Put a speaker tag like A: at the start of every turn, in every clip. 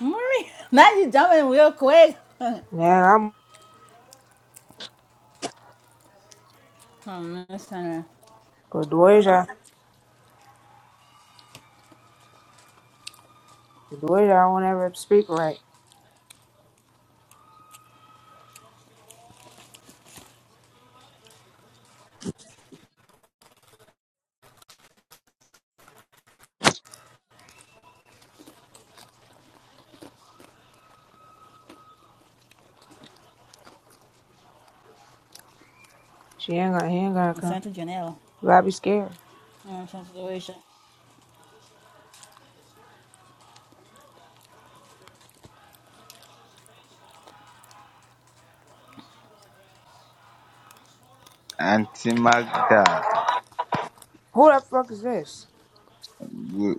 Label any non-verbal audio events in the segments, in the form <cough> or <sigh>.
A: Maria, <laughs> now you jumping real quick. <laughs>
B: Yeah, I'm
A: I'm just trying
B: cause Dweja, cause Dweja won't ever speak right. She ain't gonna, he ain't gonna
A: to
B: come.
A: send to Janelle.
B: You gotta be scared.
A: Um, some situation.
C: Auntie Magda,
B: Who the fuck is this?
C: good,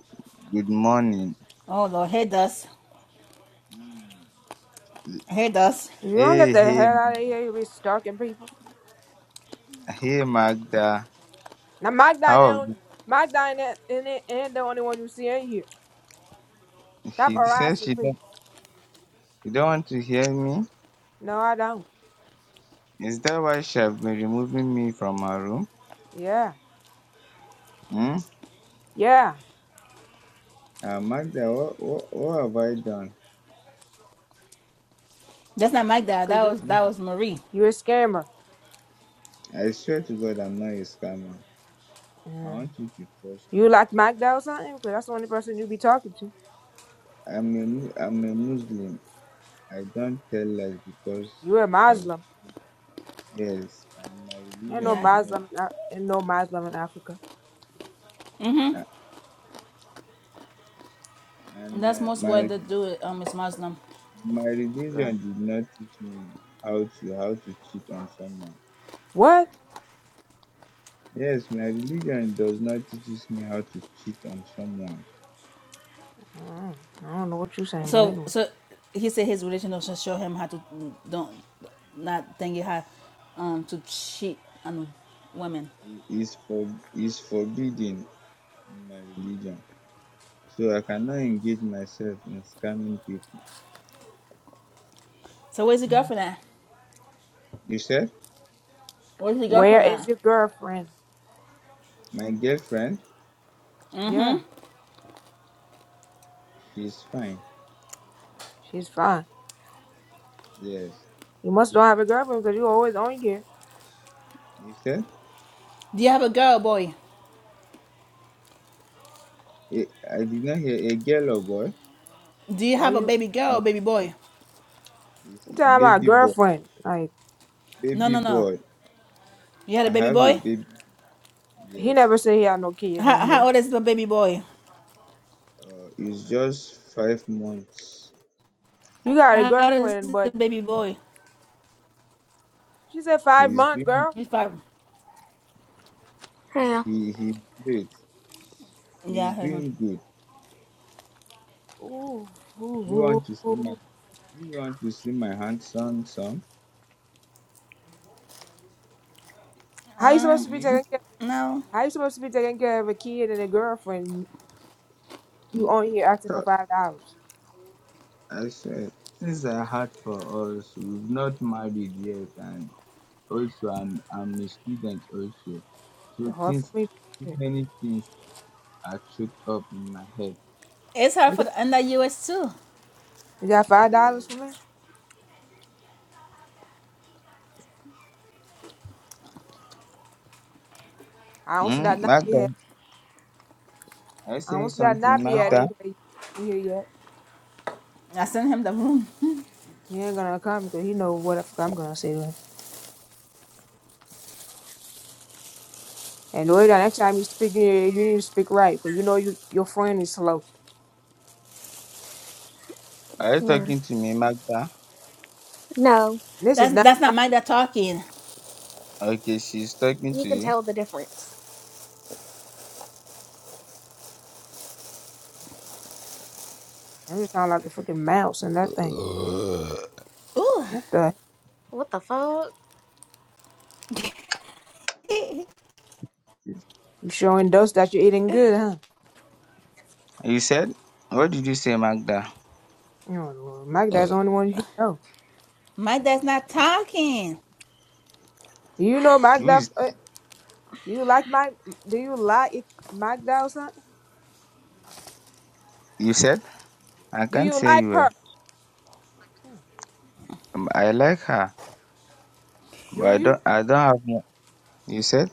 C: good morning.
A: Oh Lord, hey dust,
C: Mm.
A: hey dust.
B: If you don't
C: Hey,
B: get the hell
C: hey,
B: out of here, you'll be stalking people.
C: hey, Magda.
B: Now, Mike Dine,
C: How have
B: don't- Mike Dine in it and the only one you see in here.
C: you?
B: Stop
C: She says
B: harassing
C: she don't,
B: people.
C: she don't want to hear me.
B: No, I don't.
C: Is that why she have been removing me from her room?
B: Yeah,
C: Hmm?
B: yeah,
C: Uh, Magda, what, what, what have I done?
A: That's not my dad.
B: cause
A: That
B: you,
A: was
C: Please,
A: that was Marie.
B: you a scammer.
C: I swear to God, I'm not a scammer. I
B: Yeah.
C: want you to trust me.
B: You like Mike Dine or something? Because that's the only person you be talking to.
C: I'm a, Mu- I'm a Muslim. I don't tell lies because
B: You a
C: of
B: Muslim.
C: yes, and my
B: Ain't no
C: religion
A: Yeah,
C: does
B: Muslim, in Af- ain't no Muslim in Africa.
C: not, a-
A: and
C: and
A: that's
C: my
A: most where
C: my
A: they do it. Um, it's Muslim.
C: my
B: Girl.
C: religion did not teach me how to how to cheat on someone
B: What?
C: yes my religion does not teaches me how to cheat on someone
B: Uh, I don't know what you're saying, but
A: So
B: anyway.
A: so he said his religion also show him how to don't not think you have um to cheat on women.
C: it is for is forbidden in my religion so i cannot engage myself in scamming people
A: So where's your girlfriend at?
C: you said
A: Where's your
B: Where
A: girlfriend
B: is
A: at?
B: your girlfriend?
C: my girlfriend
B: Yeah,
A: Mm-hmm.
C: she's fine
B: she's fine.
C: yes
B: You must don't have a girlfriend because you always on here.
C: you said
A: Do you have a girl, boy?
C: eh, I did not hear a girl or boy
A: Do you
B: Are
A: have a
B: you?
A: baby
C: Uh,
A: girl, baby boy?
C: it's
B: You talking about
C: baby boy
B: girlfriend? Like
A: No,
C: baby
A: no, no.
C: boy
A: You had
C: i
A: a baby
C: have a
A: boy?
C: baby
B: he
C: yes
B: never said he had no kids
A: How,
B: in
A: how
B: here.
A: old is the baby boy?
C: Uh, it's just five months.
B: You got a
A: How old is
B: girlfriend,
A: the
B: but
A: baby boy?
B: she said five
C: He's
B: months,
C: doing
B: girl.
A: He's five.
D: Hell,
C: he he's great.
A: Yeah,
C: He's
A: I heard him.
C: doing good.
B: Ooh, ooh,
C: Do you
B: ooh,
C: want to see my
B: ooh.
C: do you want to see my handsome son?
B: How you supposed to
A: Um,
B: be
C: Hmm?
B: taking care?
A: no.
B: How you supposed to be taking care of a kid and a girlfriend? You
C: Mm,
B: on here asking for
C: so,
B: five dollars?
C: I said since I had for us, we've not married yet and also I'm I'm a student also. So
B: It's hard for
C: things
B: me.
C: too
B: Shit.
C: many things are choked up in my head.
A: It's hard
B: You
A: for
B: got,
A: the under US too.
B: you got five dollars
C: Yes.
B: for me? I don't see that
C: Hmm,
B: nappy
C: Magda, are you
B: I
C: saying
B: don't see that
C: something,
B: nappy head
C: Magda?
B: Ain't here, in here yet.
A: I sent him the room.
B: He ain't gonna come because he know what the fuck I'm gonna say to him. And the way that next time you speak, you you need to speak right because you know you your friend is slow.
C: Are you
D: yeah.
C: talking to me, Magda?
D: No,
B: And this is
A: That's
B: not.
A: that's not my dad talking.
C: Okay, she's talking
D: you
C: to
D: can
C: you.
D: tell the difference.
B: I'm just sound like a freaking mouse and that thing.
A: Ooh,
B: What the?
D: What the fuck?
B: You showing those that you're eating good, huh?
C: You said, what did you say, Magda?
B: You know, Lord, Mike, that's the only one you know.
A: my dad's not talking.
B: You know, Mike,
C: Who
B: that
C: is?
B: uh, you like Mike? Do you like Mike that or something?
C: You said, I
B: Do
C: can't
B: you
C: hear
B: like
C: you well.
B: her? Hmm.
C: Um, I like her, but
B: Do
C: I
B: you?
C: don't. I don't have. Mo-. You said,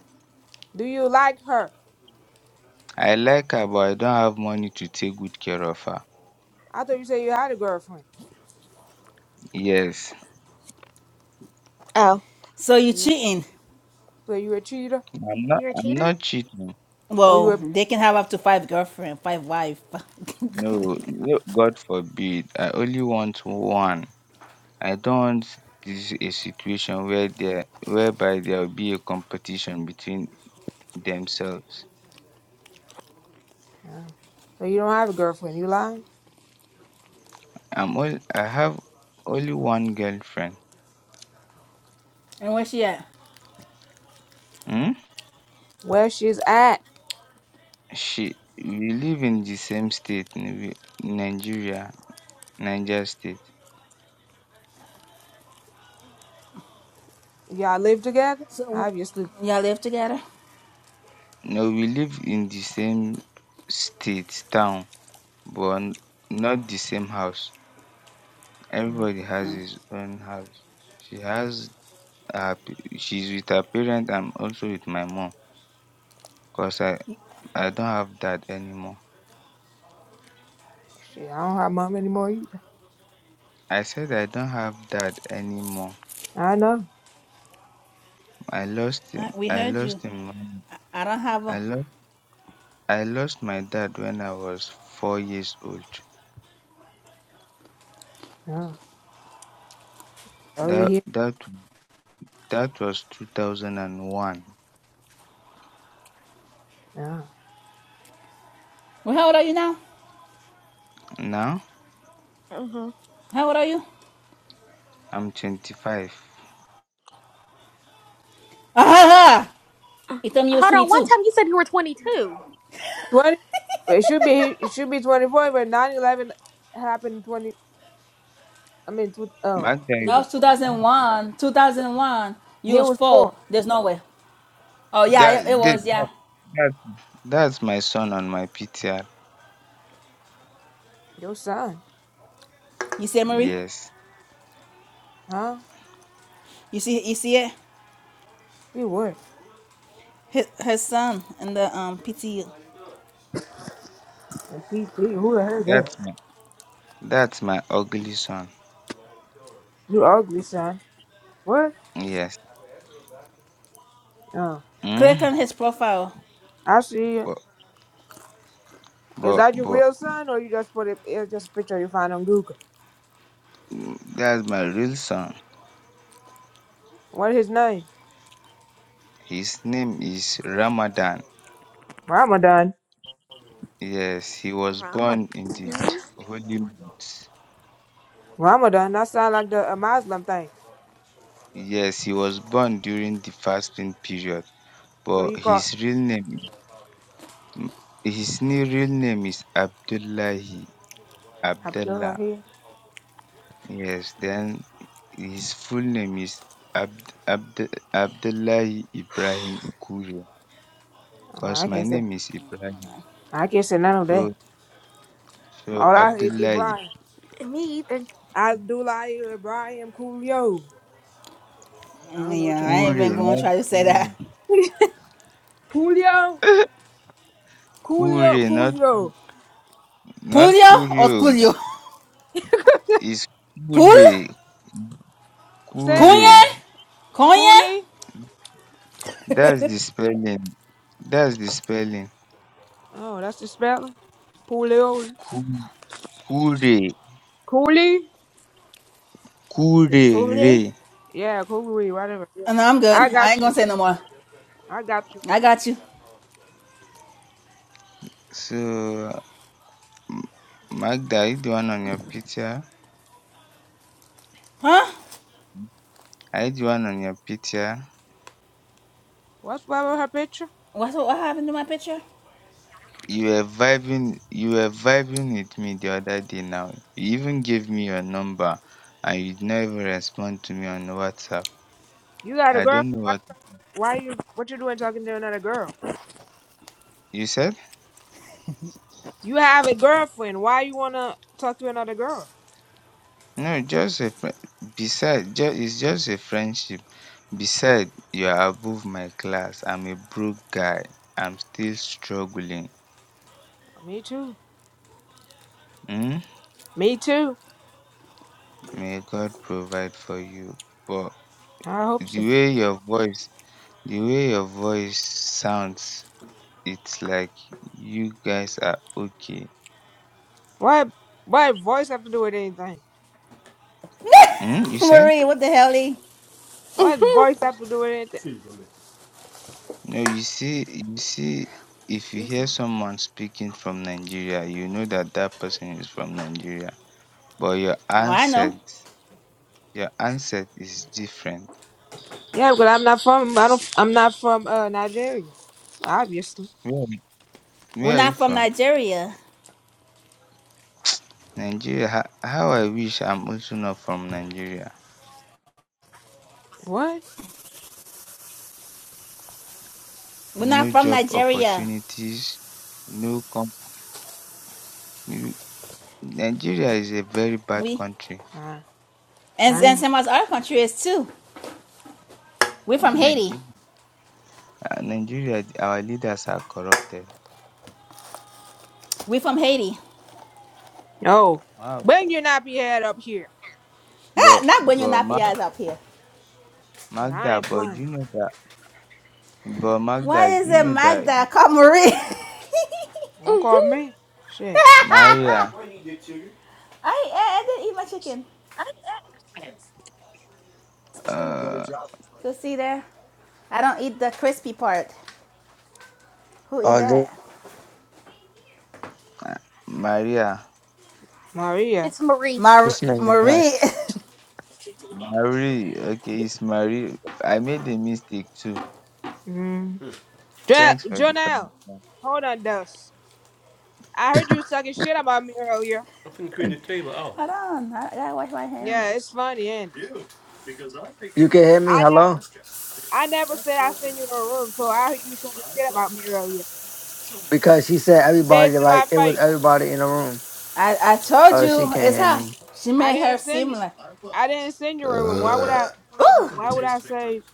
B: Do you like her?
C: I like her, but I don't have money to take good care of her.
B: I thought you said you had a girlfriend.
C: Yes,
B: Hmm.
D: Oh,
A: So you
B: So you a,
A: cheating.
B: so you a cheater?
C: I'm not.
D: you're a
C: I'm
D: cheater?
C: not cheating.
B: Oh, you
A: Well,
B: were.
A: they can have up to five girlfriend, five wife. <laughs> and
C: No, no, God forbid. I only want one. I don't want this a situation where there, whereby there will be a competition between themselves.
B: Uh, so you don't have a girlfriend? You lying?
C: I'm. All, I have only one girlfriend.
A: where's she at?
C: um
B: Where she's at?
C: she we live in the same state um nigeria niger state
B: Y'all live together?
A: So
B: Obviously.
A: y'all live together?
C: no we live in the same state town but n- not the same house
B: Yeah.
C: everybody has his own house she has her p- she's with her parents. I'm also with my mom cause i i don't have dad anymore
B: Shit, I don't have mom anymore either.
C: i said i don't have dad anymore
B: I know.
C: i lost him
A: Uh, we
C: i
A: heard you.
C: lost him when
A: I don't have a
C: i lost i lost my dad when i was four years old
B: No. So you
C: That
B: here?
C: that that was 2001.
B: No.
A: well how old are you now?
C: Now
D: Mm-hmm.
A: How old are you? <laughs>
C: I'm 25.
A: Ah
D: Uh,
A: Itam, you was
D: hold on. One
A: 22.
D: time you said you were 22.
B: Twenty. It should be. It should be twenty-four, but nine-eleven happened in twenty. I mean, tw- oh,
C: My
B: he
C: guy,
A: No,
B: was four.
A: 2001. 2001. You
B: He
A: was
B: was
A: four.
B: four.
A: There's no way. Oh, yeah,
C: that,
A: it, it
C: that,
A: was,
C: that,
A: yeah.
C: that's that's my son on my PTR.
B: Your son,
A: You see, it, Marie?
C: Yes,
B: huh?
A: You see you see it?
B: See what?
A: His, his son in the um PTU.
B: A PT. Who the hell is that?
C: that's my that's my ugly son.
B: You ugly son. What?
C: Yes,
B: Oh,
A: Click
C: mm?
A: on his profile.
B: I see.
C: but
B: Is
C: but
B: that your
C: but
B: real son, or you just put it? It's just a picture you find on Google?
C: mm, that's my real son.
B: What is his name?
C: His name is Ramadan.
B: Ramadan.
C: Yes, he was
D: Well, I'm a
C: born in the
D: no.
C: holy month.
B: Ramadan. That sound like the a Muslim thing.
C: Yes, he was born during the fasting period.
B: So
C: but
B: you call
C: his real name his new real name is Abdullahi
B: Abdullah
C: Abdullah.
B: here?
C: Yes, then his full name is Abd, Abd, Abdullahi Ibrahim Kure
B: Oh,
C: because
B: I
C: my
B: can't say.
C: name is Ibrahim.
B: I can't say none of that.
C: So so
B: All I hear is
C: Abdullahi
B: Ibrahim.
D: Me either.
B: Abdullah Ibrahim Coolio. I don't
A: Mm,
B: know,
A: Yeah, I
B: Chad.
A: ain't even
C: Kure
A: going to
C: not
A: try to say that.
B: Coolio.
C: Kure <laughs>
B: Coolio.
C: Kure, not
B: Coolio.
C: not
A: Pulio or
C: Kurio
A: Culio?
C: is
A: Pul?
C: Kure
B: Say it again.
A: Cunye?
C: Kure.
A: Cunye?
B: Pooley.
C: That's the spelling. That's the spelling.
B: Oh, that's the spelling. Coolio.
C: Ku- Kure
B: Cooley.
A: Cunye?
C: Kurere.
B: Yeah, Cooley. Whatever. Yeah.
A: No, I'm good.
B: I
A: I
B: got
A: ain't
B: you.
A: going to say no more.
B: I got you.
A: I got you.
C: So m- Magda, are you the one on your picture?
A: Huh?
C: Are you the one on your picture?
B: What's wrong with her picture?
A: What's, what happened to my picture?
C: You were vibing you were vibing with me the other day now. You even gave me your number and you did not even respond to me on WhatsApp.
B: You got a
C: I don't know
B: girl?
C: what
B: Why you what you doing talking to another girl?
C: you said?
B: You have a girlfriend. Why you wanna talk to another girl?
C: No, just a friend besides just it's just a friendship. Besides, you are above my class. I'm a broke guy. I'm still struggling.
B: Me too.
C: Hmm?
B: Me too.
C: May God provide for you. But
B: I hope
C: the
B: so.
C: way your voice, the way your voice sounds, it's like you guys are okay.
B: Why? Why voice have to do with anything?
A: <laughs>
C: Hmm? You said?
A: Marie, what the hell, Lee?
B: What
D: Mm-hmm.
B: voice have to do with anything?
C: No, you see, you see, if you
B: It's-
C: hear someone speaking from Nigeria, you know that that person is from Nigeria. But your
A: Oh, I know.
C: accent, your accent is different.
B: yeah, because I'm not from I don't I'm not from uh Nigeria. Obviously.
C: Where,
A: We're
C: where are you
A: not from
C: from?
A: Nigeria.
C: Nigeria. How, how I wish I'm also not from Nigeria.
B: What?
A: We're not
C: no
A: from
C: job
A: Nigeria.
C: opportunities, no com you Nigeria is a very bad
A: We
C: country.
B: Uh,
A: and
B: I
A: and
B: know.
A: some of our country is too. We're from Haiti.
C: Nigeria uh, Nigeria our leaders are corrupted.
A: We're from Haiti. <laughs>
B: No.
C: Wow.
B: Bring your nappy head up here.
A: Ah,
C: But
A: not when you
C: but
A: knock
C: Ma
A: your eyes up here.
B: Cause I
C: Magda,
B: ain't
C: but
B: blind.
C: you know that but
A: Why
C: Magda, do
A: is
C: you
A: it
C: know that
A: Magda called Marie? <laughs>
B: Don't call
D: Mm-hmm.
B: me. Shit.
A: Right,
C: Maria
A: what do you do, sugar? <laughs> I, I I didn't eat my chicken.
C: uh
A: So see there. I don't eat the crispy part. Who eat
E: Oh, this
A: that?
C: Maria
B: Maria.
D: It's Marie.
A: Mar-
E: this nigga
A: Marie. <laughs>
E: nice.
C: Marie okay it's Marie I made a mistake too.
B: Mm. Ja-
C: Thanks for the
B: Janelle.
C: correction.
B: Hold on, Dust. I heard you was talking shit about me earlier.
A: I'm finna clean the table out. Hold on. I gotta wash my hands.
B: Yeah, it's funny, ain't it?
E: You can hear me?
B: I never,
E: Hello?
B: I never said I send you to a room, so I heard you talking shit about me earlier.
E: Because she said
B: Said
E: everybody,
B: to my
E: like, it was
B: face.
E: everybody in the room.
A: I, I told
E: Oh, she
A: you
E: can't
A: it's
E: hear
A: her.
E: me.
A: She
B: I
A: made her
B: didn't send you.
A: similar.
B: I didn't send you a room. Why would I?
A: Ooh!
B: Why would I say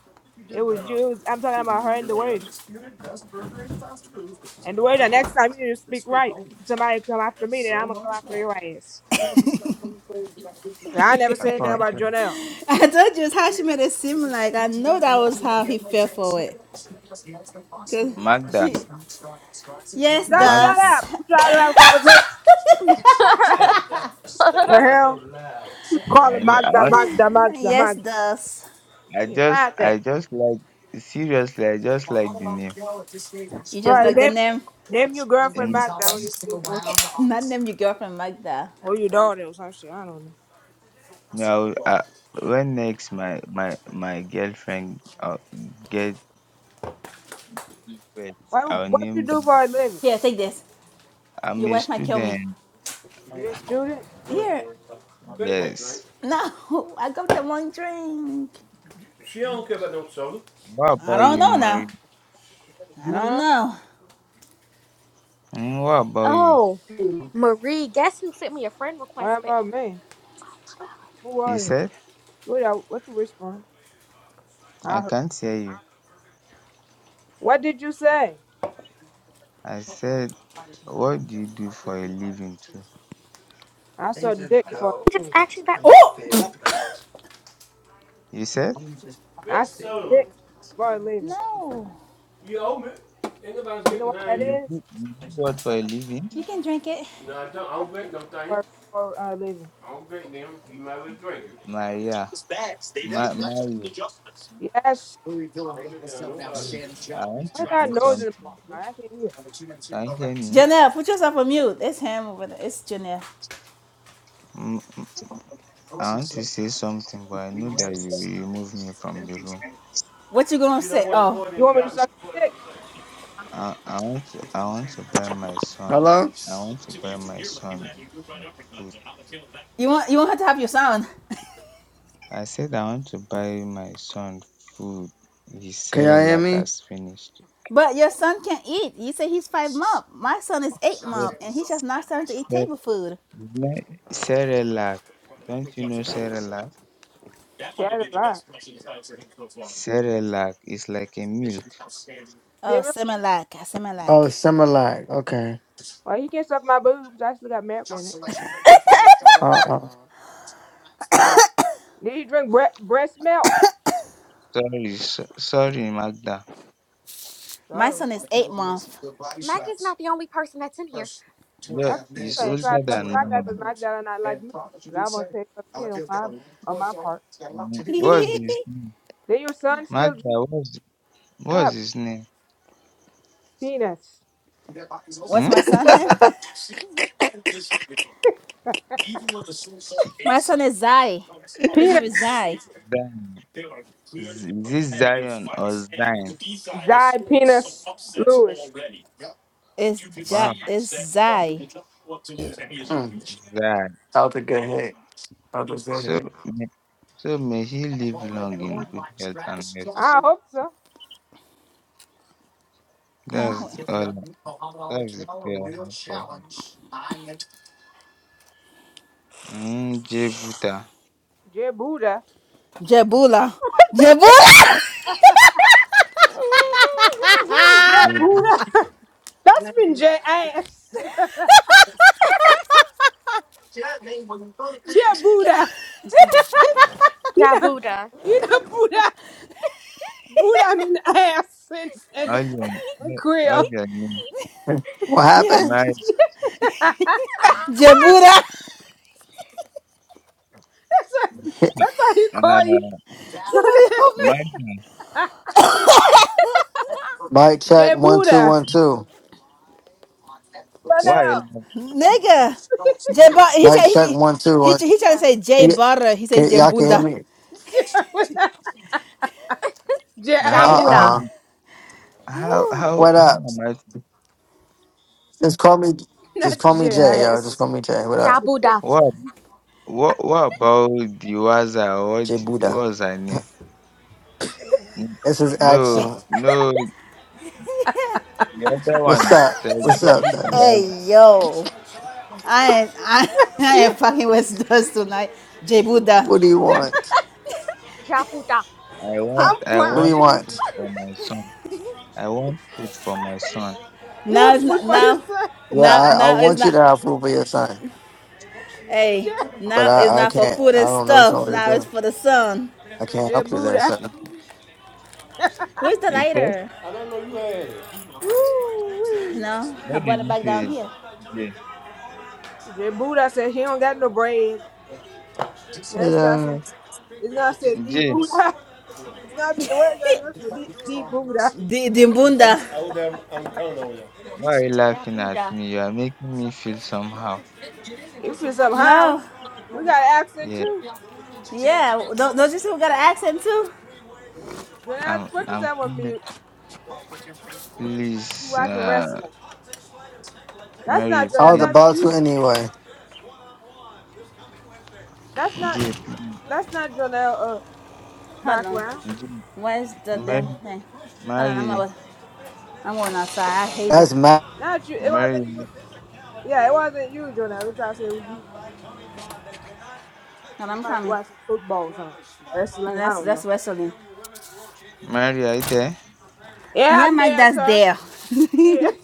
B: it was you? It was, I'm talking about her and the way. And the way the next time you just speak right, somebody come after me, then I'm gonna come after your ass.
A: <laughs>
B: I never said anything about Jonelle.
A: I told you how she made it seem like I know that was how he fell for it. Cause
C: Magda
A: she, yes,
B: Just
C: Magda
B: shut
A: does,
B: up. We try to have a conversation. The
D: <laughs>
B: hell? Keep
C: I
B: calling
C: know
B: Magda, Magda, Magda,
A: yes,
B: Magda.
A: does.
C: I
B: Shit,
C: just
B: Magda.
C: I just like seriously I just like the name
A: You just
B: Right,
A: like the
B: they
A: name,
B: name your girlfriend
C: and
B: back down when you or something.
A: <laughs> not name your girlfriend like that.
B: Or your daughter or some shit. I don't know.
C: now uh, when next my my my girlfriend uh, get pet
B: What
C: I'll
B: what
C: name
B: you do
C: them
B: for a living?
A: Here, take this.
C: I'm
A: Your
C: a
A: wife might kill me.
C: student
B: You a student?
A: Here,
C: yes
A: no, <laughs> I got the one drink.
C: what
A: I
C: about
A: don't
C: you
A: know now.
C: Mary
A: I don't
B: Huh?
A: know.
C: Hmm, what about you
D: oh, Marie. Guess who sent me a friend request?
B: What
D: But
B: about me? Who
C: You
B: was it?
C: said
B: What I- what you respond?
C: I
B: I heard.
C: can't hear you
B: What did you say?
C: I said what do you do for a living too
B: I
E: They
B: saw
E: just
B: dick for
D: I
E: go
B: a
D: just
B: living.
D: asked you that
E: in my
D: question.
A: Oh,
E: favorite when I-
C: You said
E: I'm just
B: I saw dick for a
A: <coughs>
B: living.
A: no,
B: You know what that
C: you
B: is?
C: do, you do what for a living
A: you can drink it.
B: I saw for for a living.
C: Maria Ma- Mary
B: Yes.
C: please I want
B: What
C: to
B: is that
C: say
B: noise in
C: something
B: the background? I can't hear.
C: can you hear me
A: Janelle, put yourself on mute. It's him over there. It's Janelle.
C: um i want to say something but i know that you you remove me from the room
A: What you gonna you say?
B: You want me
A: Oh.
B: to suck your dick?
C: i i want to i want to buy my son
E: Hello?
C: i want to buy my son food
A: You won't you won't have to have your son.
C: i said i want to buy my son food he
E: Can y'all hear
C: cerelac
E: me?
C: has finished
A: But your son can't eat. You say he's five month. My son is eight
C: wait
A: month, and he's just now starting to eat
C: sir
A: table food.
C: is cerelac don't you know cerelac
B: She had a lot.
C: cerelac is like a milk
A: Oh,
B: Similar?
A: Similac, Similac.
E: Oh, summer lag. Okay.
B: Well, you can't suck my boobs. I still got milk in it.
E: Uh-uh.
B: Did you drink bre- breast milk?
C: sorry so, sorry magda
A: My
B: Sorry.
A: son is eight month.
D: Maggie's not the only person that's in here.
C: you're
B: That's what
C: is
B: I'm saying. Try
C: older
B: to talk
C: than
B: about that because
C: mine
B: my dad not like me. 'Cause I'm going to take some shit on my, on my part.
C: Mm,
A: <laughs>
C: what's this
B: Then your son still drink
C: magda what's
B: shut
C: What's
B: up.
C: his name?
B: peanuts.
A: What's
C: Hmm?
A: my son
E: <laughs>
A: name? My son is Zai. His name is
B: Peanuts.
A: Zai.
C: Zion. Z- Is it Zion or Zion?
B: Died penis Lewis.
A: It's ja.
C: Wow,
A: It's Zai.
E: Mm,
C: Zion.
E: that was a good hit. That was a good
C: So,
E: hit.
C: may- so may he live long in good health and wealth.
B: I hope so.
A: Huh?
C: That's all. That's the prayer I have for him. Mm, Jebuta.
B: Jay Buddha.
A: Jabula. Jabula.
D: <laughs>
B: Jay
C: Jebu,
B: Buddha. <laughs> That's been Jay ass. <laughs> Jay Buddha. You know,
D: Jabuda. <laughs>
B: you know Buddha. Buddha, I mean ass and, and,
C: all your,
B: and
C: all
B: Creole.
C: your name.
E: What
A: <laughs> yeah.
C: My,
E: happened?
B: <laughs> that's,
A: Jabula.
B: why- that's why he
C: uh,
B: call
A: Somebody
B: you.
A: help
C: my,
A: me,
B: <laughs>
E: Mic check
B: J
E: one two
B: Buddha.
E: one two.
C: why? like,
B: Chanel.
A: nigga. Jeba. He
E: Mike
A: tried.
E: check
A: He,
E: one two
A: he,
E: one.
A: he trying to
D: yes.
A: say J
E: Y-
A: Butter. He said
E: Can, y'all can hear
A: Jebuda.
E: me?
B: <laughs>
C: How,
E: Uh
C: how,
B: Jazz.
D: Jabuda.
E: uh
C: how, how,
E: What
C: how
E: up?
C: am I
E: Just call me. Just
B: Not
E: call me
C: to?
E: Jay, yo. Just
B: jazz.
E: call me Jay. What up?
D: Jabuda.
C: What, what, what about the Waza? What,
E: Jay Buddha.
C: what was her name? N-
E: It's his
C: No,
E: accent.
C: no, the other
E: What's
C: one
E: up?
C: said,
E: What's up,
C: "Give
E: Dust?
C: your husband-
A: Hey yo, I ain't, I, <laughs> I
B: Yeah,
A: ain't fucking with dust tonight. J Buddha.
E: What do you want?
D: Jabuda.
C: I want,
B: I'm
C: I
E: What do you
C: want
B: crying.
C: food
E: want?
C: for my son. I want food for my son.
B: You
A: Now
B: want
A: it's
B: food
A: not
B: for your
A: now,
B: son?
E: Yeah, I,
A: now
E: I
A: now it's
E: want you
A: not.
E: to have food for your son,
B: J,
A: Hey,
E: but
A: now it's
E: I, I
A: not for
E: can't.
A: food
E: I
A: and
E: don't know what you
A: stuff.
E: want me to
A: Now it's
E: do.
A: for the sun.
E: I can't
B: J
E: help you there,
B: Buddha.
E: sir.
C: He,
A: Where's the
C: he said,
A: lighter?
B: Woo wee.
A: No, I
C: what did
A: brought it
C: you
A: back down
C: say,
A: here.
C: Jay?
B: J Buddha said he don't got no bread. Now it's gonna
E: Yeah.
B: say it's gonna say D
C: Jay,
B: Buddha. <laughs> It's gonna be the word right now. It's gonna say D, D Buddha.
A: D- Dimbunda.
C: why are you laughing at
D: Jabuda.
C: me? You are making me feel somehow.
B: If you somehow
A: No,
B: we got an accent
C: Yeah,
B: too.
A: yeah. Don't, don't you see we got an accent too?
B: Jonathan,
C: I'm,
B: put
C: I'm,
B: yourself on
C: feeling-
B: mute. You
C: please,
B: watching
C: uh,
B: wrestling. That's
C: Mary,
B: not
E: I
B: Jonathan.
E: was
C: please,
B: That's
E: about to
B: you.
E: anyway.
B: That's not.
C: Jay, please,
B: That's not Jonathan. uh,
A: Hold on.
B: background.
C: Jay,
A: Where's the damn
C: Mary,
A: thing? Hold on, I'm
C: Mary,
A: out. I'm going outside. I hate that.
E: That's mad.
B: Not you. It
C: Mary,
B: wasn't you. Yeah, it wasn't you, Jonah. We try to say it was you.
A: Hold on, I'm
B: Somebody
A: coming.
B: watching football or something. Wrestling. I
A: That's
B: don't know.
A: that's wrestling.
C: Mary, are you there?
B: Yeah,
A: Yeah,
B: I'm there,
A: Magda's
B: sir.
A: there. <laughs>
B: Shit.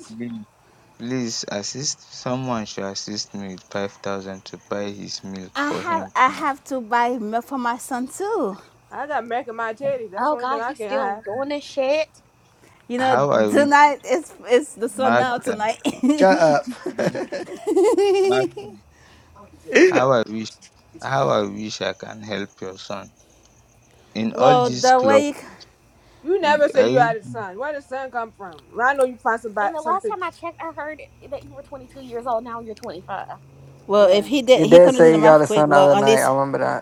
C: please assist someone should assist me with five thousand to buy his milk
A: I
C: for
A: have
C: him
A: I have to buy milk for my son too.
B: <laughs> I got Mac in my teddy. That's the
D: Oh
B: only thing
D: god,
B: I
D: he's
B: can
D: still
B: have.
D: doing this shit.
A: You know,
C: how i wish
A: tonight it's it's the sun now
C: magda
A: tonight. <laughs>
E: Shut up. <laughs>
C: magda how i wish how i wish i can help your son in all
A: well,
C: this
A: the
C: club
A: way you,
B: You
C: eh,
B: never say you
C: i
B: had a son. Where the son come from? Well, I know you find some
D: And
B: bi-
D: the
B: some
D: last time I
B: pictures.
D: checked, I heard that you were 22 years old. Now you're 25.
A: well if
B: Yeah.
A: he did
E: he
A: he
E: did
A: couldn't do
E: say
A: the
E: he got
A: math
E: a
A: quick.
E: son the
A: Well,
E: other
A: at
E: night.
A: least
E: I remember that.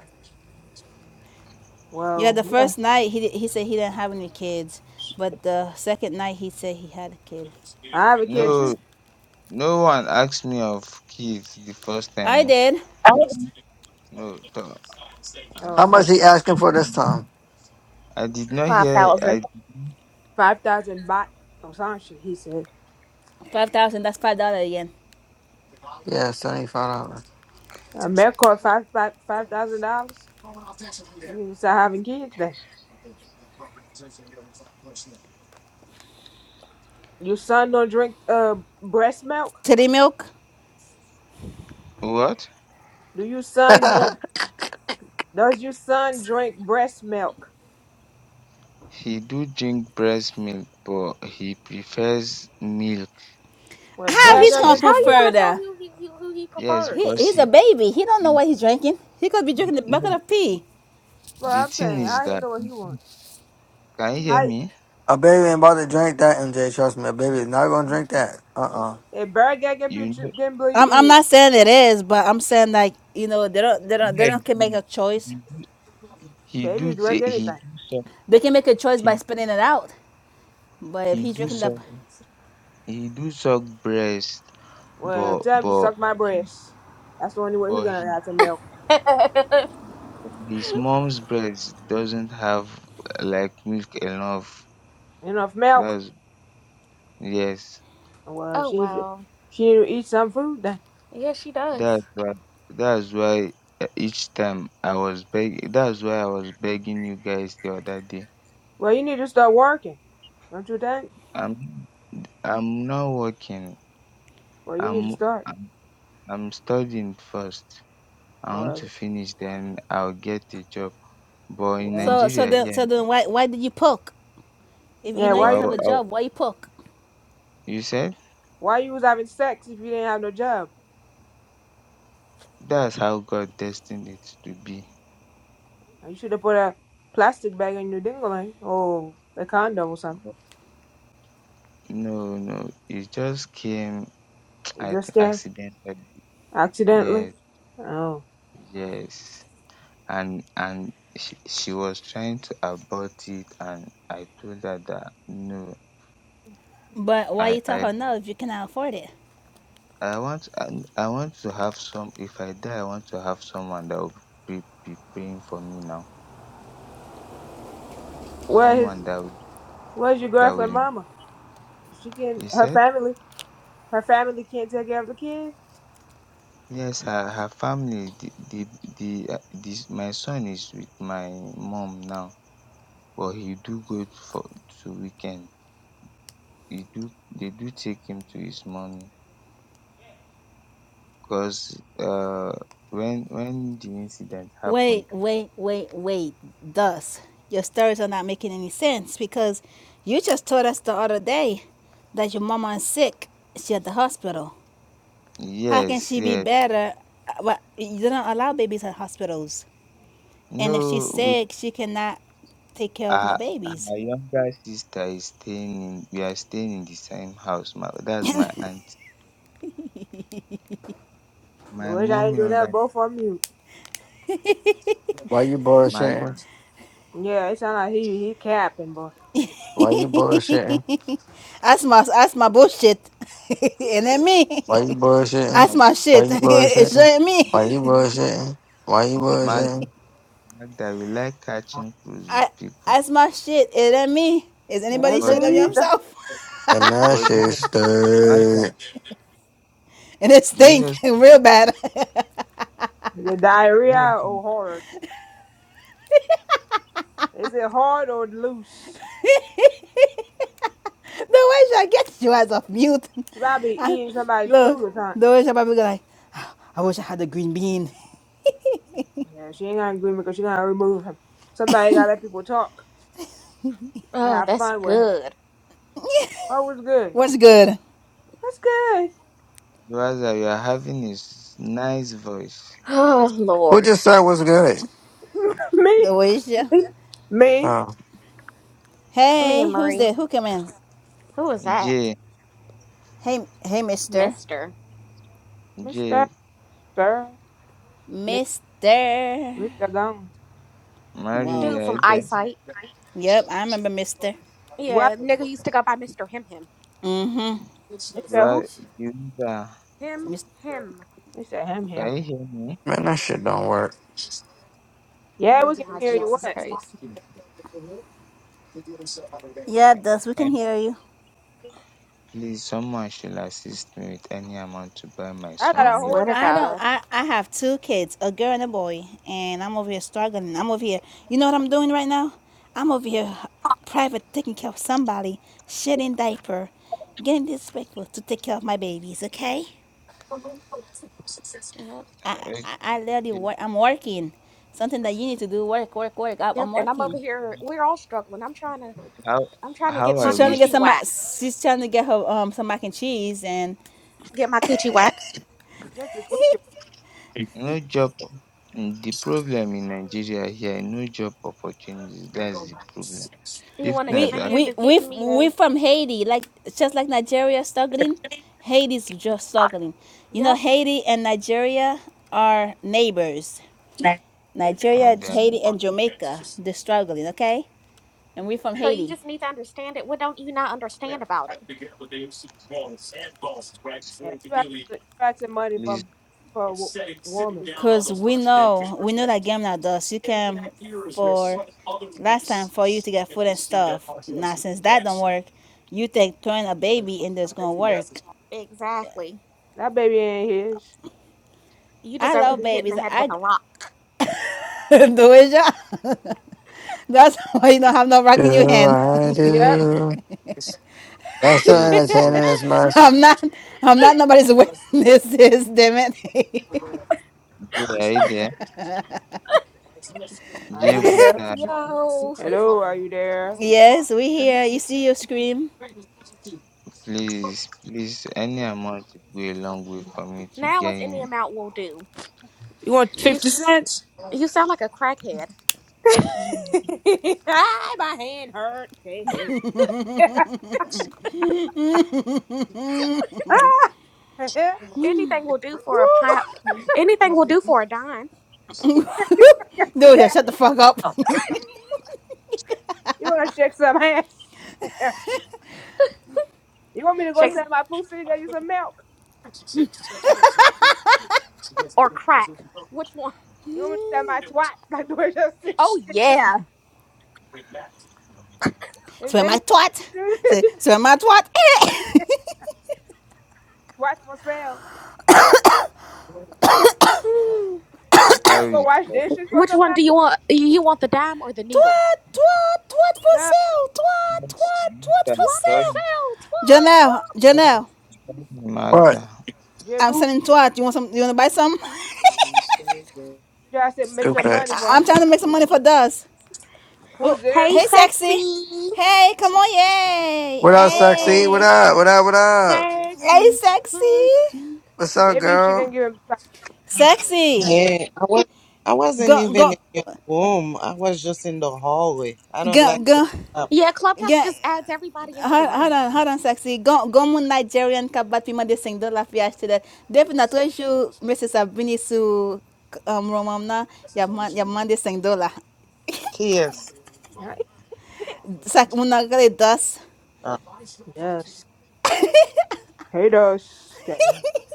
A: yeah,
B: Well,
A: the
B: yeah.
A: first night he did, he said he didn't have any kids, but the second night he said he had a kid.
B: I have a kid
A: Well,
C: no
B: too.
C: no one asked me of kids the first
A: I
C: time oh.
A: did
C: no to- i
B: Oh,
E: How much
C: think
B: fuck.
E: he asking for this time?
C: i did not hear
D: 5,000.
C: i
B: Five thousand baht or some shit. He said.
A: five thousand. That's five dollar again.
E: Yeah, seventy five dollars.
B: A man called five five five thousand dollars. We can start having kids then. Your son don't drink uh breast milk?
A: Titty milk.
C: what
B: Do your son
E: <laughs>
B: drink does your son drink breast milk?
C: he do drink breast milk but he prefers milk
B: Well
A: How
B: bad
C: cause
A: he's
B: guy
A: gonna
B: get
C: he's
D: How are
A: put
D: you gonna tell
A: further?
D: who he who, who he
C: Yes,
D: prefers?
A: He
C: because
A: he's a
C: he
A: baby. He don't know
C: mm,
A: what he's drinking. He could be
C: mm,
A: drinking a
C: no,
A: bucket of pee.
B: well
C: the
B: I'm
C: thing
B: saying
C: is
B: how you
C: that
B: know what he
C: mhm,
B: want?
C: can you hear
B: How
D: Mm.
C: me?
E: a baby ain't about to drink that, MJ. Trust me, a baby is not gonna
C: You
E: drink that. Uh uh
B: if bad guy get
C: you
B: bitch
C: know,
B: can believe
A: I'm I'm
B: you
A: not saying it is, but I'm saying like you know they don't they don't they
C: yes,
A: don't can make
C: yes,
A: a choice.
C: he do he
B: baby
C: do
B: he drink
C: t- he
B: anything.
C: do suck
A: They can make a choice
C: he
A: by spitting it out. But if
C: he
A: he's
C: do
A: drinking the
C: suck he do suck breast,
B: Well
C: but
B: tell him to
C: but
B: suck my
C: he
B: breast. That's the only way he
C: but he,
B: gonna have some
C: he
B: milk.
D: <laughs>
C: but his mom's breast doesn't have uh, like milk enough.
B: Enough milk?
C: That's yes,
B: Well
D: oh
B: she
D: wow.
B: she need to eat some food then.
D: Yeah, she does.
C: that's why that's why uh, each time I was begging. That's why I was begging you guys the other day.
B: Well you need to start working. Don't you think?
C: I'm I'm not working.
B: Well you need to
C: I'm
B: start.
C: I'm I'm studying first. I want to
B: Well
C: finish then I'll get a job. But in
B: well
A: so so
C: Nigeria
A: then
C: here,
A: so then why why did you poke? If you
B: Yeah,
A: know
C: but
A: you
B: why
A: didn't have
C: I'll,
A: a
B: you
C: I'll,
A: job, why you poke?
C: you said
B: why you was having sex if you didn't have no job?
C: that's how God destined it to be.
B: You should have put a plastic bag in your dingling or a condom or something.
C: But no, no, it just came <tsk>
B: You
C: I
B: just
C: think
B: came
C: accidentally.
B: accidentally.
C: Yes,
B: Oh,
C: yes. And and she, she was trying to abort it and I told her that no,
A: But why
C: I,
A: you
C: I
A: tell her no if you cannot afford it?
C: i want i I want to have some if i die i want to have someone that will be be praying for me now
B: where
C: someone
B: is
C: that
B: where's your
C: will
B: girlfriend,
C: lead
B: mama? She can
C: he
B: her
C: said
B: family her family can't take care of the kid.
C: yes her her family the the the uh, this. my son is with my mom now but he do go for to weekend He do they do take him to his mummy cause uh, when when the incident
A: Wait
C: happened
A: wait wait wait. Thus your stories are not making any sense because you just told us the other day that your mama is sick. She at the hospital. How can
C: yes
A: she be
C: yes
A: better? Uh, Well, you don't allow babies at hospitals. And if she's
C: no we.
A: sick, she cannot take care of no
C: her
A: babies.
C: her
A: <laughs>
C: younger sister is staying in we are staying in the same house my that's my aunty
B: The
C: my
B: wish I
C: mum
B: did do
C: younger
B: that. Both on mute.
E: Why you
C: magda
E: bullshitting?
B: Yeah, it sound like he he capping, boy.
E: Why you bullshitting?
A: that's my that's my bullshit. <laughs> and ain't me. <laughs>
E: Why you bullshitting?
A: That's
C: mag
A: my
E: Why
A: shit. <laughs>
E: you
A: it's
E: bullshitting?
A: ain't me.
E: Why you bullshitting? Why you
C: mag
E: bullshitting?
C: magda we like catching cruise with
A: I
C: people
A: that's my shit. It ain't me. Is anybody
B: And
C: but
A: shut
C: do-
A: up
B: me either.
A: yourself? <laughs>
E: And that
C: but do you
E: shit
C: know magda
E: stirred.
A: And it
C: do you
A: stink
C: know
A: <laughs> real
C: something
A: bad. <laughs>
B: The
C: do you know
B: diarrhea
C: something
B: or hard? Is it hard or loose?
A: the way I get you as a mute.
B: She might be
A: <laughs> I,
B: eating somebody's
A: look,
B: food or
A: the
B: something.
A: way she probably go like, "Ah, I wish I had a green bean. <laughs>
B: Yeah, she ain't gonna agree because she gonna remove him. Somebody gotta let people talk and
D: Oh,
B: have
D: that's
B: fun with him.
D: good.
B: Oh, what's good?
A: What's good,
B: What's good?
C: Loaza, you are having a s- nice voice
D: Oh
E: Who
D: Lord.
E: just said was good?
B: <laughs> me,
A: Doisha?
B: me,
E: Oh
D: Me and
A: Hey, who's
D: Marie.
A: there? Who come in?
D: Who was that?
C: jay
A: Hey, hey, Mister.
D: Mister.
B: Mister
C: jay
B: Sir, Mi-
A: Mister.
B: Mister Gong.
C: mary
A: Whoa.
D: Dude
C: are you
D: from
C: there
D: Eyesight.
A: Yep, I remember Mister.
B: What,
D: Yeah, nigga used to go by Mister Him Him.
A: Mm-hmm.
C: you
B: Mister Who?
C: are you are
D: Him
A: Mis-
D: Him.
B: Mister Him Him.
C: can you hear me
E: man, that shit don't work.
B: Yeah, we
D: Oh
B: can
D: my
B: hear you.
D: Jesus
B: What?
D: Christ.
A: yeah, Dust. We
C: can
A: can hear you.
C: please someone should assist me with any amount to buy my
B: I got
D: I
C: son
B: a
C: milk
B: whole
D: swear to
B: nine
A: I
B: year
A: don't.
B: old.
D: God.
A: I I have two kids, a girl and a boy, and I'm over here struggling. I'm over here. You know what I'm doing right now? I'm over here uh, private taking care of somebody, shitting diaper, getting disrespectful to take care of my babies. Okay?
D: Yep.
A: I,
C: Eh,
A: I, I literally
C: Okay,
A: work, I'm working. Something that you need to do, work, work, work. I,
D: Yep.
A: I'm
D: And I'm over
A: working.
D: here we're all struggling. I'm trying to
C: how
D: I'm trying to get
C: how I
D: my
A: She's trying to
C: wish
A: get
D: coochie
A: some.
D: waxed.
A: She's trying to get her um some mac and cheese, and
D: Get my coochie waxed.
B: Get your coochie.
C: no job the problem in Nigeria here, no job opportunities. That's the problem.
D: You
C: If
D: wanna give
C: not
A: we
D: a
C: that
D: hand
A: we
D: of
A: we
D: getting me a
A: we from Haiti, like just like Nigeria struggling, Haiti's just struggling. You know,
D: Yep.
A: Haiti and Nigeria are neighbors.
C: uh,
A: Nigeria,
C: then
A: Haiti, and Jamaica, they're struggling. Okay, and we from
D: So you
A: Haiti.
D: just need to understand it. What don't you not understand about it?
B: Yeah, you asking, you asking money
C: please
B: from for a wo- woman.
A: Cause we know we know that game not does. You came for last time for you to get food and stuff. Now since that don't work, you take turn a baby and it's gonna work.
D: Exactly.
B: That baby ain't his.
D: You
A: I
D: deserve to
A: love
D: be hit in
A: babies.
D: the head
A: I <laughs>
D: with a rock.
A: do it. yeah. That's why you don't have no rock in your
E: Do
A: hand.
E: I
B: Yep.
E: do? That's so
C: J
E: entertaining
C: J
E: as much.
A: <laughs> I'm not I'm not nobody's witness <laughs> damn it.
C: J are you there?
B: Are
C: J
B: you there?
C: Buta,
D: Yo.
B: Hello, are you
A: <laughs>
B: there?
A: yes, we here. you see you scream.
C: please please any amount will go a long way for me to
D: Now
C: get
D: it's any
C: in.
D: amount will do.
B: You want
D: You
B: fifty
D: s-
B: cents?
D: you sound like a crackhead.
B: <laughs> ah, my hand hurt. <laughs> Ah. <laughs>
D: Anything will do for a
B: Woo.
D: pile anything will do for a dime.
B: Yes,
A: Dude, yeah,
B: sir.
A: shut the fuck up. <laughs>
D: <laughs>
B: You want to shake some ass? <laughs> you want me to go
D: Shakespeare
B: sell my pussy and get you some milk?
D: or crack? Which one?
B: You want me to sell my twat <laughs> like the way you see?
D: Oh yeah.
B: If
A: so am I
B: any
A: twat?
B: prostitute, <laughs>
A: Say
B: any
A: so am I twat? <laughs>
B: twat for sale.
D: Hmm.
B: You can't go
C: Sorry,
B: wash
C: sir.
B: dishes for
D: Which one do
B: somebody?
D: you want? You want the dime or the
A: Toi,
D: needle?
A: toi, toi de
B: Duh.
A: Brazil. Toi,
C: sorry,
A: toi, toi de
D: Twat for
A: Brazil.
C: sorry,
D: sale. Twat.
A: Janelle,
D: Twat. twat.
A: Janelle,
C: sorry,
E: What?
C: Magda.
B: Jay
A: I'm
B: Buddha
A: sending twat. You want some? You want to buy some? <laughs>
B: just said make some
E: Stupid.
B: money
A: I-
B: for her.
A: I'm trying to make some money for Dust.
B: Who's
A: Oh,
B: this?
D: Hey,
A: hey, sexy.
D: sexy.
A: Hey, come on, yay.
E: What up,
B: Oh,
E: sexy?
B: Lord.
E: What
A: Hey,
E: up? What up? What up?
A: hey,
D: Sexy.
A: sexy.
D: Sexy.
E: What's up,
B: Maybe she can
E: girl?
B: give him
A: Sexy.
F: Yeah, I was I wasn't
A: Go, go,
F: even in your room. I was just in the hallway. I don't like
A: go,
F: the
A: go,
F: uh,
D: Yeah, Clubhouse
A: go.
D: just adds everybody into the
A: Hold,
D: room.
A: on, hold on, sexy. Go, go mon Nigerian kabat pima de sing dola fiyash tida. Def na treju mese sabini su um, romamna ya man ya man de sing dola.
F: kids.
B: some. <laughs>
A: Sak muna gale das.
F: Uh,
B: Yes. Hey, Dos. Hey.
A: <laughs>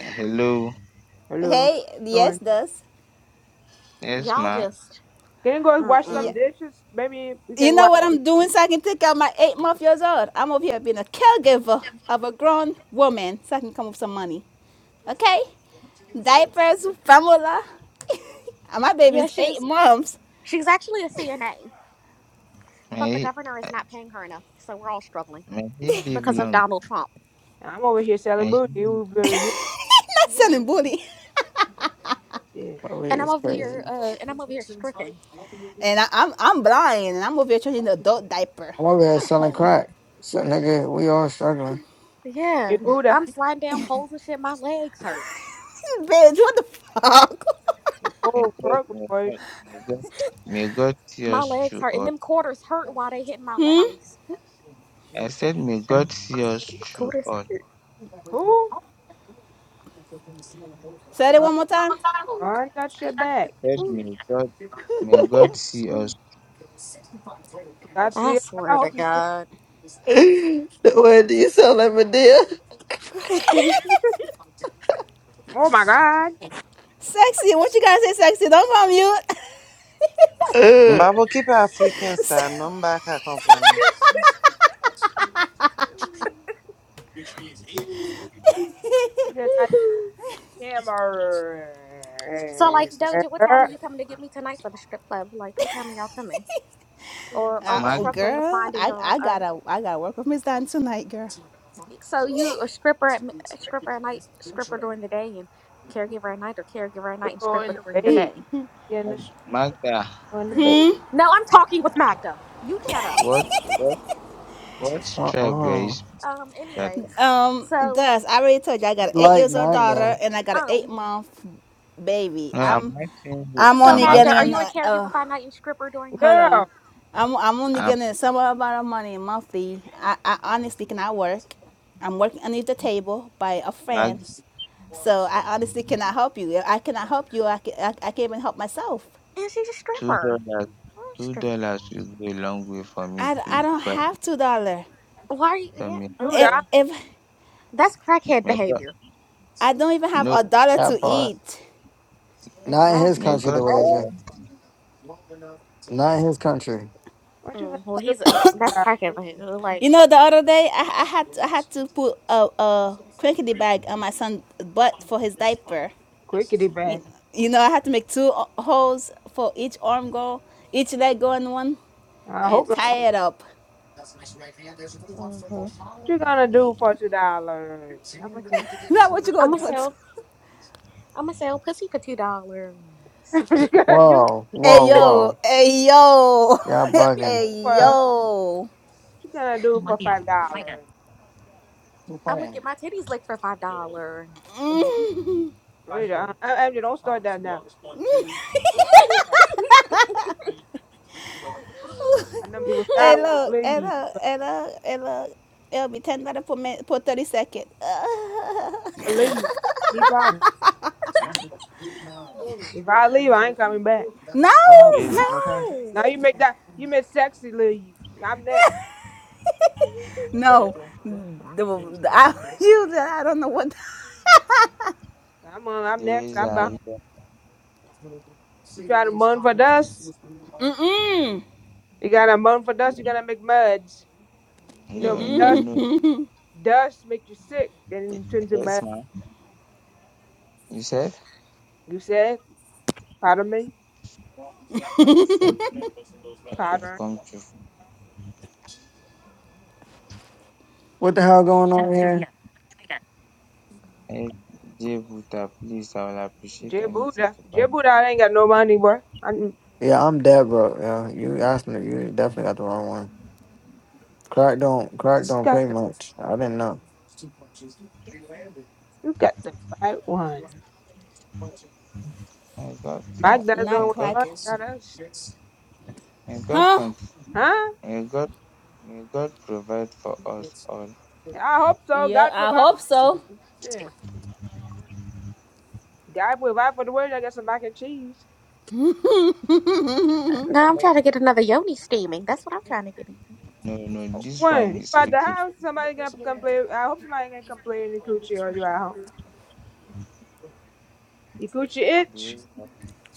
C: Hello.
B: Hello.
A: Hey,
B: How you
A: yes,
B: Doing.
A: does.
C: Yes,
D: Y'all
C: ma.
D: just.
B: Can you go wash
A: Yeah.
B: some
D: Mm-mm.
B: dishes? Maybe we
A: You
B: can
A: know
B: wash.
A: what I'm doing? So I can take out my eight month years old. I'm over here being a caregiver of a grown woman so I can come up with some money. Okay? Diapers, formula. <laughs> and my
D: Yeah,
A: baby's eight
D: she's
A: months.
D: she's actually a CNA, but the
C: May he,
D: governor is
C: uh,
D: not paying her enough, so we're all struggling
C: may
A: <laughs>
C: he
A: Not
C: live
D: because of
C: long.
D: Donald Trump.
B: I'm over here selling
C: May
B: booty.
C: he
B: You, you, you.
D: Yeah.
A: selling booty.
B: Yeah.
E: My weed
D: And I'm
E: is
D: over
E: crazy.
D: here. Uh, and I'm over here stripping.
A: And I, I'm I'm blind, and I'm over here changing the adult diaper
E: I'm over here
A: at
E: selling
A: home.
E: crack. So, nigga, we all struggling.
D: Yeah.
B: Hey, Buddha.
D: I'm sliding down poles and shit. My legs hurt.
A: <laughs> Bitch, what the fuck?
B: The
C: May
B: poor
C: God,
B: broke with
C: may God,
B: Doja.
C: may God, may God see
D: My
C: us
D: legs
C: through
D: hurt, and
C: all.
D: them quarters hurt while they hit my legs.
C: I said, may God see us through
D: Quarters.
C: all. I
B: Who?
A: <laughs> Say it
B: Uh,
A: one more time.
B: I ain't got shit back.
C: said, may God, may God see
D: Mhm.
C: us.
B: God
D: I
B: see. I
D: swear to
B: hope you see.
D: God.
E: <laughs> the way do you sell like Medea?
D: <laughs>
B: <laughs> Oh my God.
A: Sexy, what you gotta say, sexy? Don't go on mute.
E: Uh,
F: Mbabo keep African
A: <laughs>
F: sa number ka
B: Good night,
D: so,
B: camera.
D: like, Doja, what time are you coming to get me tonight for the strip club? Like, what time are y'all coming? Or are
A: uh,
D: we
A: oh,
C: Magda,
D: struggling with
A: girl,
D: finding a?
A: I, I
D: a
A: gotta I gotta work with Miss Don tonight, girl.
D: so you a stripper at m- a stripper at night, stripper during the day, and caregiver at night, or caregiver at
B: We
D: night and
B: go
D: stripper
B: in the
D: during the
B: bed. We
D: day?
B: in the street.
C: Magda,
B: Going to the bed.
D: No, I'm talking with Magda. You shut up.
C: what, what, what tribe were you
E: Uh-uh.
C: speaking
D: Um.
C: that?
D: Anyways,
A: Um,
D: so
A: Dust, I already told you I got an eight
E: Like
A: years old daughter,
E: Magda,
A: and I got an
D: um.
A: eight month baby.
C: No, I'm
A: I'm
C: asking you,
A: I'm
D: So
C: I'm
A: only
D: Magda, are
C: asking,
A: getting
D: you a
A: a,
D: caregiver
A: a
D: by night and stripper during the
A: Hold
D: day?
A: on.
B: Girl,
A: I'm I'm only
C: I'm
A: getting some amount of money monthly. I, I honestly cannot work. I'm working under the table by a friend.
C: asking
A: So I honestly cannot help you. If I cannot help you, I, can, I, I can't even help myself.
D: And she's a
C: two
D: stripper.
C: dollars.
D: Oh,
C: Two
D: stripper.
C: dollars will go a long way for me
A: I,
C: to
A: I don't
C: buy
A: have two dollar.
D: Why are you?
C: for
D: Yeah.
C: me.
B: two
A: If
B: dollars.
D: Ugh.
A: if
D: That's crackhead
C: May God,
D: behavior.
A: I don't even have
C: no,
A: a dollar to
E: that part.
A: eat.
E: Not in his
C: may
D: Exactly.
E: country,
C: God
E: the wager. Not in his country.
B: What you gonna
D: Mm, well,
B: do? for
D: he's a, that's
B: that
D: crackhead behavior. Like,
A: You know, the other day I, I had I had to put a, a crinkety bag on my son's butt for his diaper.
B: Quickity
A: You,
B: back.
A: you know, I had to make two holes for each arm go, each leg go in one.
B: I hope.
A: and
B: not.
A: tie it up.
D: hmm
B: What you gonna
A: <laughs>
B: do
A: that
B: for two dollars? How much? You,
A: what you
D: I'm
A: gonna do
D: gonna
A: for two.
D: sell. I'm gonna sell pussy for two dollars.
B: <laughs> what you gonna do? What
E: Whoa, whoa,
A: Hey yo,
E: whoa.
A: hey yo,
E: Y'all
B: you gonna
A: <laughs>
D: <laughs>
E: bugging.
A: hey
B: for? What
A: yo.
B: you gonna do for five dollars?
D: I'm gonna get my titties licked for five dollars. <laughs>
B: Oh, really, I, I, I- don't start that now. I know people say I
A: Hey
B: will
A: look, hey
B: leave.
A: look, hey look, hey look. It'll be ten dollars per minute per thirty second. <laughs>
B: I leave. Keep on. If I leave, I ain't coming back.
A: no,
E: What
C: raise
E: happened? You okay?
D: no.
B: Now you make that you make sexy leave. I'm next.
A: <laughs> no. The, the, I, <laughs> you, I don't know what.
B: I'm on.
C: the
B: I'm next.
C: ways
B: I'm behind.
C: I,
B: You try to moan for dust.
A: Mm,
B: You gotta moan for dust.
C: no,
B: You gotta make muds. You know,
C: no, no,
B: dust
C: no.
B: dust make you sick and turn to
C: Yes,
B: mud.
C: ma'am. You said?
B: You said, pardon me,
C: I said that will
B: pardon.
C: come true.
E: What the hell going on here?
C: Hey, Jay Buddha, please, I will appreciate
B: J
C: anything
B: Buddha,
C: to
B: J
C: buy.
B: Buddha, I ain't got no money, boy. I you
E: Yeah, I'm dead broke. Yeah, you asked me. You definitely got the wrong one. Crack don't, crack don't pay
B: got the
E: much. I didn't know.
B: you got the right one.
C: May God, con-
B: Mike does the one
A: Not
C: may
B: with
C: God,
B: the
A: crack,
B: money, got us,
C: may God,
A: huh?
C: con-
B: huh?
C: may God, may God provide for us all.
B: I hope so.
A: Yeah,
B: God
A: I
B: provide.
A: hope so.
B: Yeah. God, if I for the world. I got some mac and cheese.
D: No, I'm trying to get another yoni steaming. That's what I'm trying to get.
C: No, no, this
B: One,
C: one
B: you
C: is
B: out the
C: okay.
B: house, somebody gonna come play. I hope somebody gonna come play in the coochie or you at home. Your coochie
C: The
B: itch.
C: ways,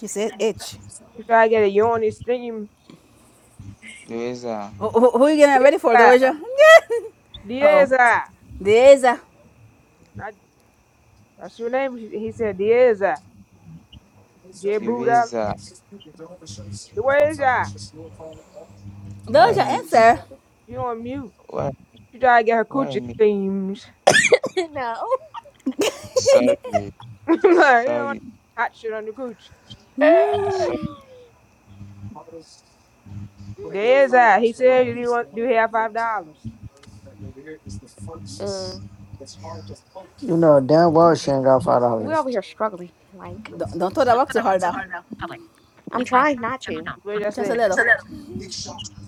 A: She said itch.
B: You try to get a yawny stinging.
C: the ways are,
A: Who, who, who are you getting ready for,
B: Dieza.
A: Doja? <laughs> Uh oh,
B: Dieza.
A: there's a
B: Not, that's your name. He he said Dieza. J
C: the
B: Buddha.
C: ways are.
B: Dieza.
C: Why
A: Doja answer.
C: making,
B: She on mute.
C: why,
B: She try to get her
C: why
B: coochie
C: make?
B: steams.
D: <laughs> no.
C: Sorry,
B: <laughs> like, you don't want
C: sorry,
B: hot shit on the coochie.
D: <laughs>
C: sorry.
D: <sighs>
B: Dieza. He said, do you want, do you have five dollars?
D: Uh,
E: You know damn well she ain't got five
D: we're
E: dollars.
D: over here struggling. Like,
A: Don't, don't throw that rock too hard now.
D: I'm trying not to.
B: What did I
A: Just a
B: say?
A: little.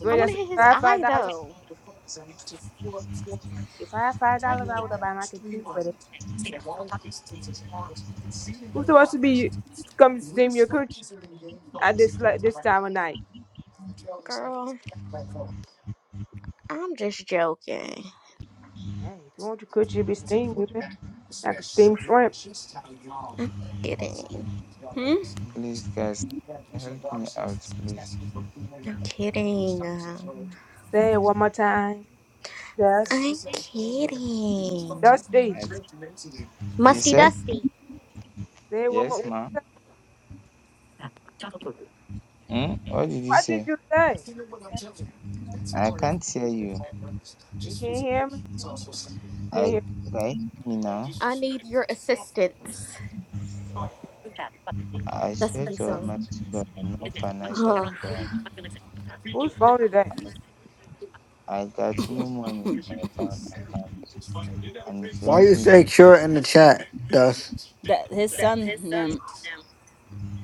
B: What
D: I
B: did I
D: want to
B: say?
D: hit his
B: Five,
D: eye
B: $5?
D: though.
B: If I had five
D: Like,
B: dollars, I would have buy my kids cheese with it. Who's supposed to be you- come steam your coochie at this like, this time of night?
D: girl, I'm just joking.
B: Hey, if you want your coochie to be steamed, you can. I can steam shrimp.
D: I'm kidding.
C: Please, guys, help me out, please.
D: I'm kidding. Uh,
B: Say it one more time. Dust,
D: I'm kidding.
B: dusty.
C: I, you
D: Musty
C: said
D: Dusty,
B: Say it one more.
C: yes, ma.
B: time.
C: Hmm? What did you
B: What did
C: say?
B: you say?
C: I can't hear you.
B: You can't hear me. Can't
C: I
B: hear.
C: right me now,
D: I need your assistance.
C: I
D: That's
C: swear
D: what he
C: to
D: said.
C: Almighty God, I'm not
D: <sighs>
C: financially
D: Ugh.
C: broke.
B: Whose phone is that?
C: I got no money in my bank account. And if you
E: Why
C: want
E: you
C: me
E: say
C: to
E: Cure
C: repeat,
E: in the chat, Dust?
A: That his son name,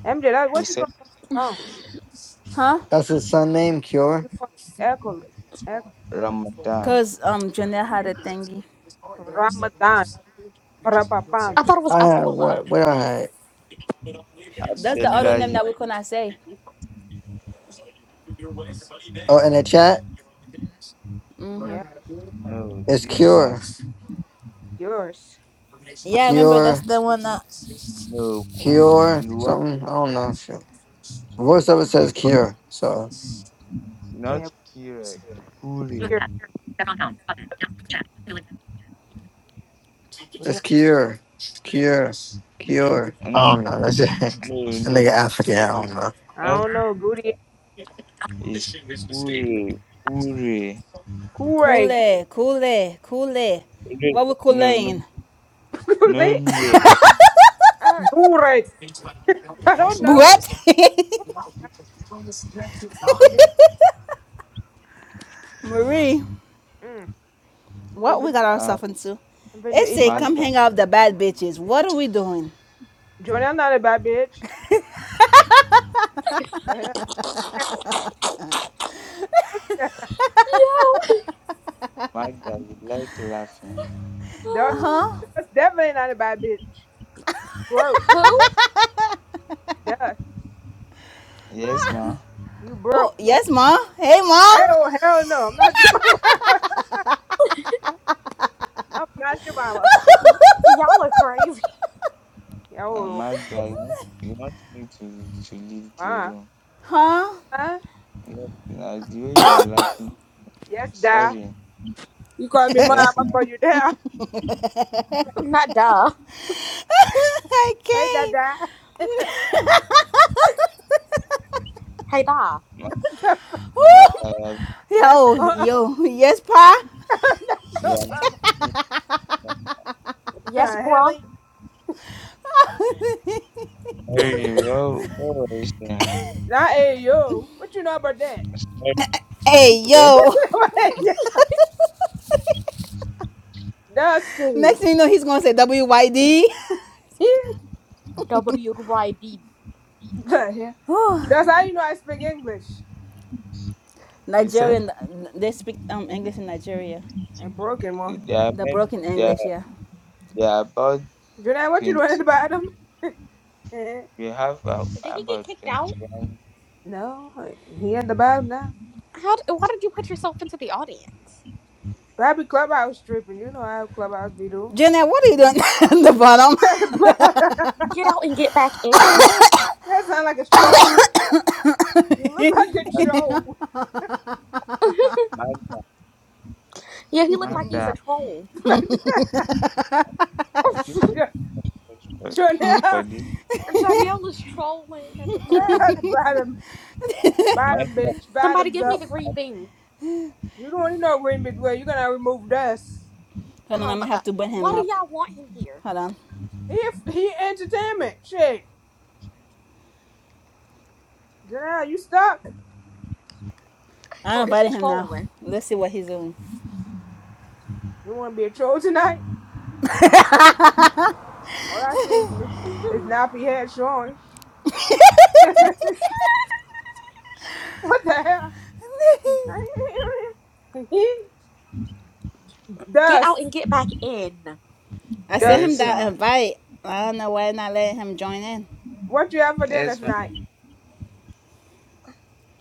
B: MJ, that,
C: you
B: what you
C: said
B: going on with your phone?
A: huh?
E: That's his son name, Cure.
B: Your phone echo, echo
C: Ramadan,
A: Cause um Junior had a thingy.
B: Ramadan, Parapapam.
D: I thought it was
E: I had
D: Abdullah.
E: what? What I had?
A: That's the other name
C: Abdullahi,
A: that we could not say.
E: Oh, in the chat,
B: Yeah,
C: no,
E: it's
C: this
E: Cure,
C: one,
B: yours.
A: Yeah, I remember that's
E: Cure,
A: the one that
C: no, cool,
E: Cure,
C: the one,
E: something. I don't know. Shit. Voiceover
C: the
E: says
C: first,
E: Cure, so
C: not
B: Yeah,
C: Kure, Kure,
B: here. We
E: it's
B: don't,
E: Cure, Cure, Cure. I
C: no,
E: don't know. That's it. <laughs>
C: no,
E: That
C: no,
E: nigga African, I don't know.
B: I
C: not
B: don't know, Goody.
C: is Kure, Kure, Re-
B: Gure.
A: Kule, Kule, Kule. What we
C: no, no,
A: Kulein?
C: no, Le-
D: Uh,
B: Gure. <laughs> I
D: oh,
B: don't know.
D: Lord.
A: What? <laughs> Marie,
B: Mm.
D: <sighs>
A: what
B: Been to,
A: we
D: Yo.
A: got
C: uh,
A: ourselves into?
B: been to
A: It's
B: eat.
A: a come
C: Magda,
A: hang out with the bad bitches. What are we doing?
B: Jordan not a bad bitch. Yeah. <laughs>
C: Magda, you like laughing.
B: Dust.
A: Huh?
B: Dust definitely not a bad bitch. broke.
D: <laughs> Who?
B: Dust.
C: Yes, ma.
B: You broke.
A: Oh yes, ma. Hey, ma.
B: Oh hell no! I'm not your mama. <laughs> I'm not your mama, sweet.
D: Y'all are crazy.
C: Uh,
B: Oh,
C: Magda, you want, you want me to, to leave the
B: ma.
C: room.
A: Huh?
B: Huh?
C: Yes, na, the way you are laughing,
B: Yes, da.
C: sorry.
B: You call me mom,
C: Yes,
B: I
C: na,
B: call you dad.
D: <laughs> Not duh.
A: <laughs> I
B: Hey,
A: can't.
B: dada.
D: Hey, duh.
C: Ma-
B: <laughs>
A: Woo!
C: Magda, you are,
B: yes,
A: Yo,
B: mom.
A: yo, yes, Pa.
B: <laughs> I'm not
C: you
B: your
C: are
B: mama.
C: making me
B: The
D: Yes,
B: hell?
D: bruh.
C: very well. Well, well,
B: Not hey, yo. What you know about
C: sorry,
A: Hey,
C: sir.
A: yo.
B: that? <laughs>
A: Next
B: Dusty.
A: thing you know, he's gonna say WYD.
D: W Y B.
B: the hell?
A: Whew.
B: That's how you know I speak English.
C: You said
A: Nigerian, they speak um English in Nigeria.
B: And broken one.
C: there are
A: The
C: many,
A: broken
C: there,
A: English,
C: are-
A: yeah.
C: there are about
B: Junaid, what you
C: 20,
B: doing at the bottom? <laughs> Eh,
C: we have uh,
D: Did he get
C: about
D: kicked out?
C: 21.
B: no, he at the bottom now.
D: How? d- Why did you put yourself into the audience?
B: Probably clubhouse stripping. You know how clubhouse be doing.
A: Jenna, what are you doing <laughs> at the bottom?
B: <laughs> that
D: Get out and get back in.
B: sound like a troll. You look
A: <laughs>
B: like a
C: Magda,
B: troll.
C: Magda,
D: Yeah, he looked like he's a
C: Magda,
D: troll.
B: <laughs>
C: are you
D: <laughs>
C: taking for, for
B: Janelle,
C: this?
D: Janelle is trolling at the
B: Junaid
D: bottom.
B: at the bottom. Bottom,
C: Magda,
B: bitch.
D: Somebody
B: Bottoms
D: give me the
B: up.
D: green bean.
B: You don't even know green bitch where. You're gonna remove dust.
A: Hold on,
D: Oh
A: I'm gonna
D: my
A: have
D: god.
A: to burn him
D: Why do
A: up.
D: y'all want him here?
A: Hold on.
B: He, he entertainment. Shit. Janelle, you stuck?
A: I
D: Or is he
A: invited him now.
D: trolling?
A: Let's see what he's doing.
B: You wanna be a troll tonight? All I see is, is nappy head showing. <laughs> what the hell?
A: <laughs>
D: <laughs>
B: <laughs>
D: get
B: Dust.
D: out and get back in.
A: I sent
B: Dust.
A: him
C: yes,
A: that
C: ma.
A: invite. I don't know why not letting him join in.
B: What you have for dinner
C: Yes,
B: tonight?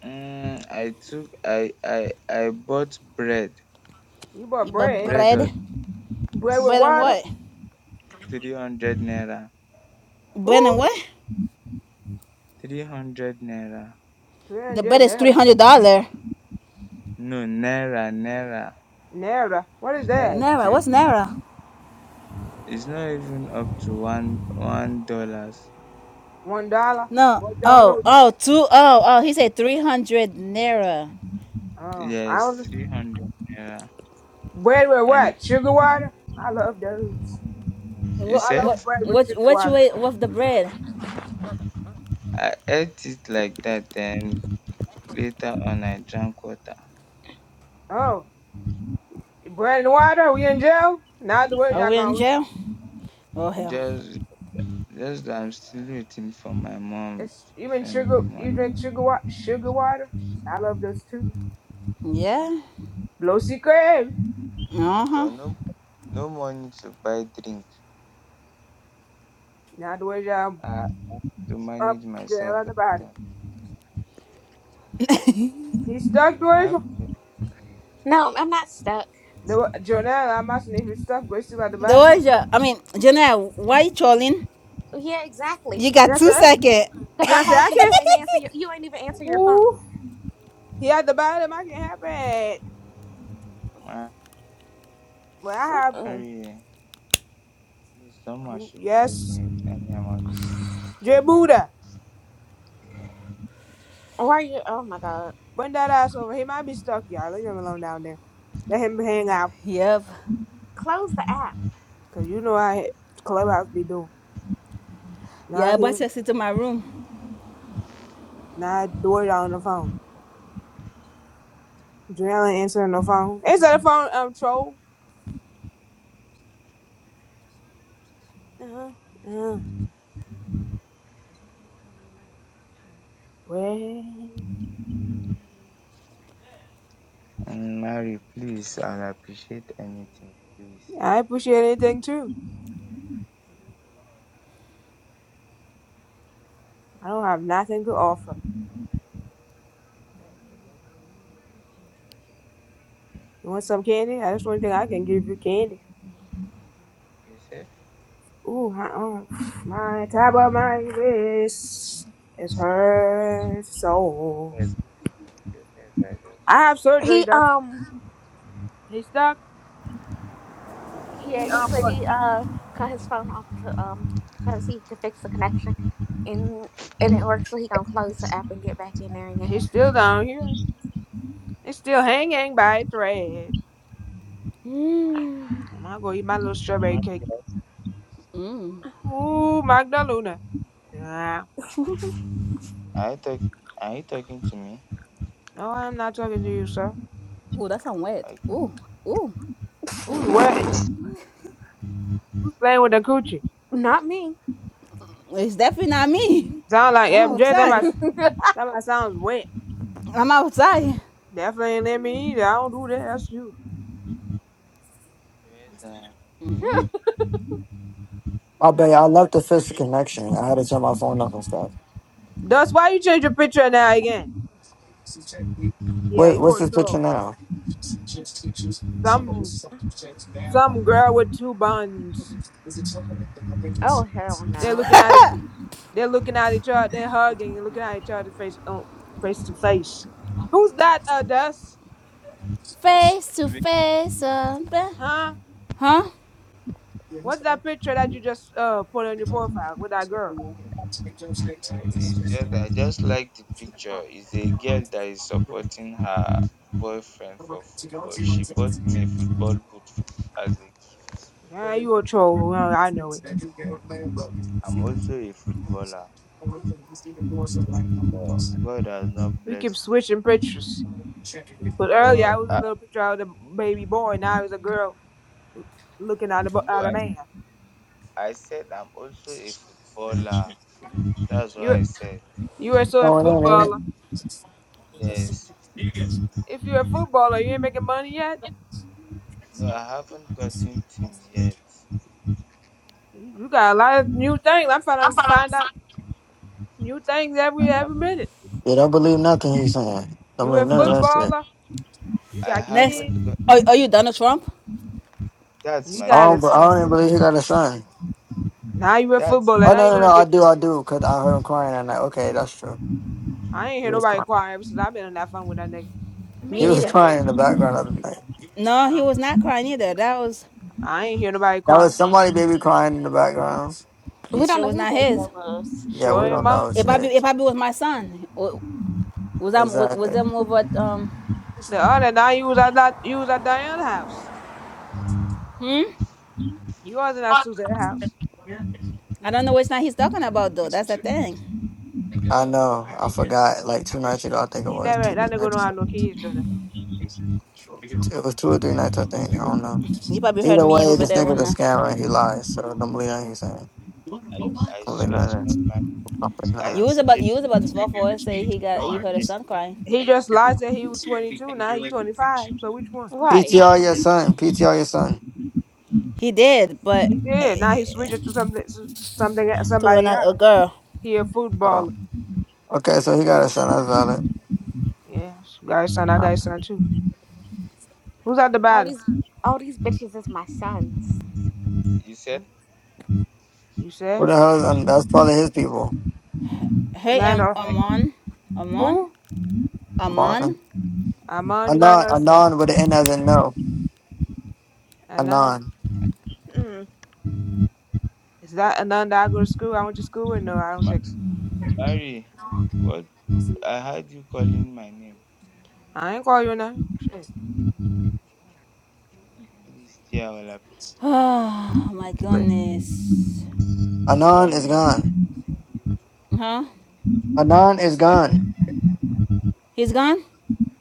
C: Mm, I took I I I bought bread
B: You bought
A: But
B: bread.
C: bread
A: bread,
C: of
B: Bread
C: yes,
B: with
A: bread and
C: of
B: water?
A: what?
C: three hundred naira
A: Bread
B: Who?
A: and what?
C: three hundred naira
A: The bread
B: 300
A: is three
B: naira.
A: hundred dollar.
C: no naira naira
B: Naira. What is
C: it's not
B: that?
C: up
A: Naira,
C: to
A: what's Naira?
C: it's not even up to one one dollars
B: One dollar?
A: No.
B: One
A: Oh,
B: dollar?
A: oh, two, oh, oh. He said three hundred Naira.
B: Oh, I
C: yes
B: don't
C: three hundred naira
B: Bread with
C: and
B: what? Sugar water? I love those.
C: you
A: What
B: I
C: said
B: love
A: what
B: bread with
A: what
B: sugar
A: what you
B: water.
A: ate with the bread?
C: I ate it like that then later on I drank water
B: Oh, bread and water? We in jail? Not the way
A: Are
B: y'all
A: we in
B: going.
A: jail? Oh hell.
C: just just that I'm still waiting for my mom
B: It's
C: to
B: even
C: send
B: sugar.
C: me
B: You drink
C: money
B: sugar water. Sugar water. I love those too.
A: Yeah.
B: Blossy cream.
A: Uh
C: so
A: huh.
C: no No money to buy drink.
B: Now the way I'm
C: I had to
B: up
C: manage
B: there
C: myself
B: on
C: like
B: the bottom.
C: that.
B: He stuck
C: I have
B: doing
D: No, I'm not stuck.
B: the way- Jonelle. I'm asking if he stuck go still at the
A: The
B: bottom.
A: Doja. I mean, Janelle, why you trolling?
D: Yeah, exactly.
A: You got
B: Yes,
A: two
B: sir.
A: seconds.
D: Because I
B: Jonelle say
D: called
B: I
D: you, you
B: can.
D: ain't answer your, you ain't even answer your
B: Ooh,
D: phone.
B: he at the bottom. I can help it.
C: to
B: Well, I have.
D: So,
C: marry. eh. Please, someone
B: Who?
C: should bless
B: Yes,
C: me with any amount
D: <sighs>
C: to, to
B: J
C: get my
B: Buddha.
D: why are you? Oh my god.
B: Bring that ass over. He might be stuck, y'all. Leave him alone down there. Let him hang out,
A: Yep.
D: Close the app.
B: cause you know how Clubhouse be doing. Now
A: Yeah, I brought
B: he,
A: Ceci to my room.
B: now Dory on the phone. Jalen answering the phone. Answer the phone, um, troll. Uh-huh. uh Well,
C: and marry. Please, I'll appreciate anything. Please.
B: I appreciate anything too.
C: Ah,
B: I
C: May God
B: don't
C: bless
B: have nothing to
C: you.
B: offer.
C: Ah, May God continue to provide for you. No problem.
B: You want some candy? That's the only thing I can give you candy.
C: You said
B: Ooh, my, um, <sighs> my top of my wrist is hurt so.
C: first. You guys are just.
B: I have surgery,
D: He
B: doctor.
D: um
B: He's stuck.
D: yeah,
B: He,
D: he
B: um,
D: said
B: what?
D: he uh cut his phone off to um try to see if he could fix the connection and it didn't work so he gonna close the app and get back in there again.
B: He's still down here. He's still hanging by a thread.
A: Mmm.
B: I'm gonna go eat my little strawberry cake.
A: Mmm.
B: Ooh, Magdalena. Yeah.
D: <laughs>
C: Are you, talk- are you talking to me?
B: No, I am not talking to you, sir.
A: Ooh, that sound wet.
C: Like,
A: Ooh. Ooh.
B: Who's
A: Ooh.
B: wetting? Who's playing with the coochie?
D: Not me.
A: It's definitely not me.
B: Sound
A: <laughs>
B: like
A: I'm
B: MJ. That my
A: outside.
D: <laughs>
B: that my sounds wet.
A: I'm outside.
B: Definitely ain't let me either. I don't do that. That's you.
C: there is a.
E: I bet you I left the first connection. I had to turn my phone off and stuff.
B: Dust. why you change your picture now again? Yeah,
E: What,
B: you
E: what's
B: a
E: this picture
B: troll.
E: now?
B: Some some girl with two buns.
D: oh hell
B: They're
D: no.
B: looking at they're looking at each other. They're hugging and looking at each other face um, face to face. Who's that? Uh, Dust?
A: Face to face. Uh,
B: Huh?
A: Huh?
B: What's that picture that you just uh put on your profile with that girl?
C: No, it's just I just like the picture. It's a girl that is supporting her boyfriend for football. She bought me a football boot f- as a gift.
B: Yeah, you a troll. Well, I know it.
C: I'm also a footballer, but God has not
B: We keep
C: blessed me.
B: switching pictures. But earlier
C: No,
B: I was a
C: I,
B: little picture of the baby boy. Now it's a girl looking at a bu-
C: no,
B: at a
C: I,
B: man.
C: I said I'm also a footballer. That's what
B: You're
C: I said.
B: you're still a
E: Going on, ain't it?
B: footballer.
C: Yes.
B: If you're a footballer, you ain't making money yet.
C: No, I haven't gotten team yet.
B: You got a lot of new things. I'm trying to find out new things
C: I
B: every every
C: have,
B: minute.
E: Yeah, don't believe nothing he's
C: I,
E: saying. Don't
B: you
E: believe
B: a
E: none of that shit.
B: footballer. You
C: I
B: got
A: Next,
B: kids.
C: haven't got.
A: are, are you Donald Trump?
C: That's
B: You
C: my
E: I
B: got
E: don't,
B: a
E: I don't even
C: PTI.
E: believe he got a son.
B: now you a
C: That's me.
B: footballer.
E: Oh,
B: Now
E: no,
B: you're
E: no, no,
B: gonna
E: I
B: be.
E: do, I do, because I heard him crying at night. Okay, that's true.
B: I ain't
E: He
B: hear
E: was
B: nobody
E: crying.
B: crying ever since I've been on that phone with that nigga.
A: Me
E: He
C: Let
D: Me
C: me
E: was <laughs>
A: neither.
D: either.
E: crying in
C: just
E: the background of the night.
A: No, he
B: Oh.
A: was not crying either. That was,
B: I ain't hear nobody
E: That
B: crying.
E: was somebody baby crying in the background.
D: We
A: it
D: don't
A: sure
D: know
A: was
D: who
A: not
D: baby
A: his.
D: that was.
E: Yeah,
B: Sure
E: we don't
B: am I.
E: know
A: If I be,
E: shit.
A: if I be my son, was I, was, was
E: Exactly.
A: them over, um,
B: The other night you was at that you was at Diana's house.
A: hmm?
B: You wasn't at Suzette house.
A: I don't know which night he's talking about though. That's the thing.
E: I know. I forgot. Like two nights ago, I think it
B: He
E: was
B: never
E: two,
B: had
E: three
B: that nigga don't
E: nights.
B: have no kids, Jonah.
E: It was two or three nights, I think. I don't know.
A: You probably heard
E: Either
A: me
E: way,
A: over
E: this
A: there
E: nigga's
A: when, uh,
E: a scammer. and He lies. So don't believe anything he's saying.
C: and I
E: Don't believe
C: swear to
E: nothing.
C: my man,
E: Don't believe nothing.
C: I
A: you was about,
C: Jane,
A: you was about to fall for it, say he got, you heard his son crying.
B: He just lied that he was twenty two. Now he twenty five. So which one?
D: Right.
E: PTR your son. PTR your son.
A: He did, but
B: He
A: eh,
B: did.
A: eh,
B: Now he
A: eh,
B: switched it to something, something,
A: to
B: somebody else.
A: another girl.
B: He a
E: Oh,
B: footballer.
E: okay. So he got a son. That's valid.
B: Yeah, got his son. I
E: Uh,
B: got his son too. Who's at the
D: All
B: bottom?
D: these all these bitches is my sons.
C: you
B: Hmm?
C: said
B: You
E: Who
B: said.
E: the hell? Is, um, that's probably his people.
A: Hey,
B: Got
A: Am-
B: no.
C: I
A: Amon, Amon,
B: Who?
A: Amon,
E: Martin.
B: Amon. You got
E: Anon.
B: no.
E: Anon with an N as in no.
B: Anon.
E: Anon.
D: Mm.
B: Is that Anon that I go to school? I went to school with. No, I don't
C: ma-
B: think so.
C: Mary, what I heard you calling my name.
B: I ain't call you none. Shit.
C: Please, dear, I will appreciate anything.
A: Oh my
B: Like.
A: goodness.
E: Anon is
C: Sorry,
E: gone.
A: Huh?
E: Anon is gone.
A: He's gone?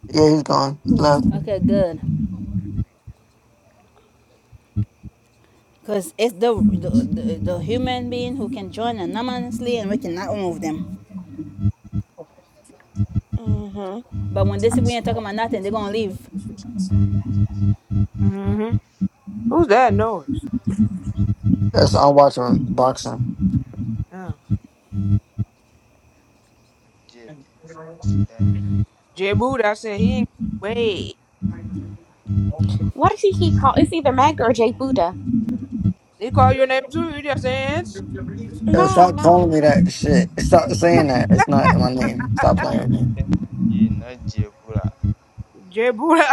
E: Yeah, he's gone. He left.
A: Okay, good. Because it's the, the, the, the human being who can join anonymously and we cannot remove them.
D: Mm-hmm.
A: But when they see we ain't talking about nothing, they're going to leave.
B: Mm-hmm. Who's that noise?
E: That's I'm watching boxing.
B: Oh.
C: Jay, please consider me
B: J Boo. That said he ain't. Wait.
D: Why does he keep calling? It's either Magda or Jay Buddha.
B: He called your name too. You just dance,
E: Yo,
D: No, I'm
E: stop
D: not.
E: calling
C: your
E: me that shit. Stop saying that. It's not my name. Stop playing with me.
C: friend. You not Jebura.
B: Jay Buddha. <laughs>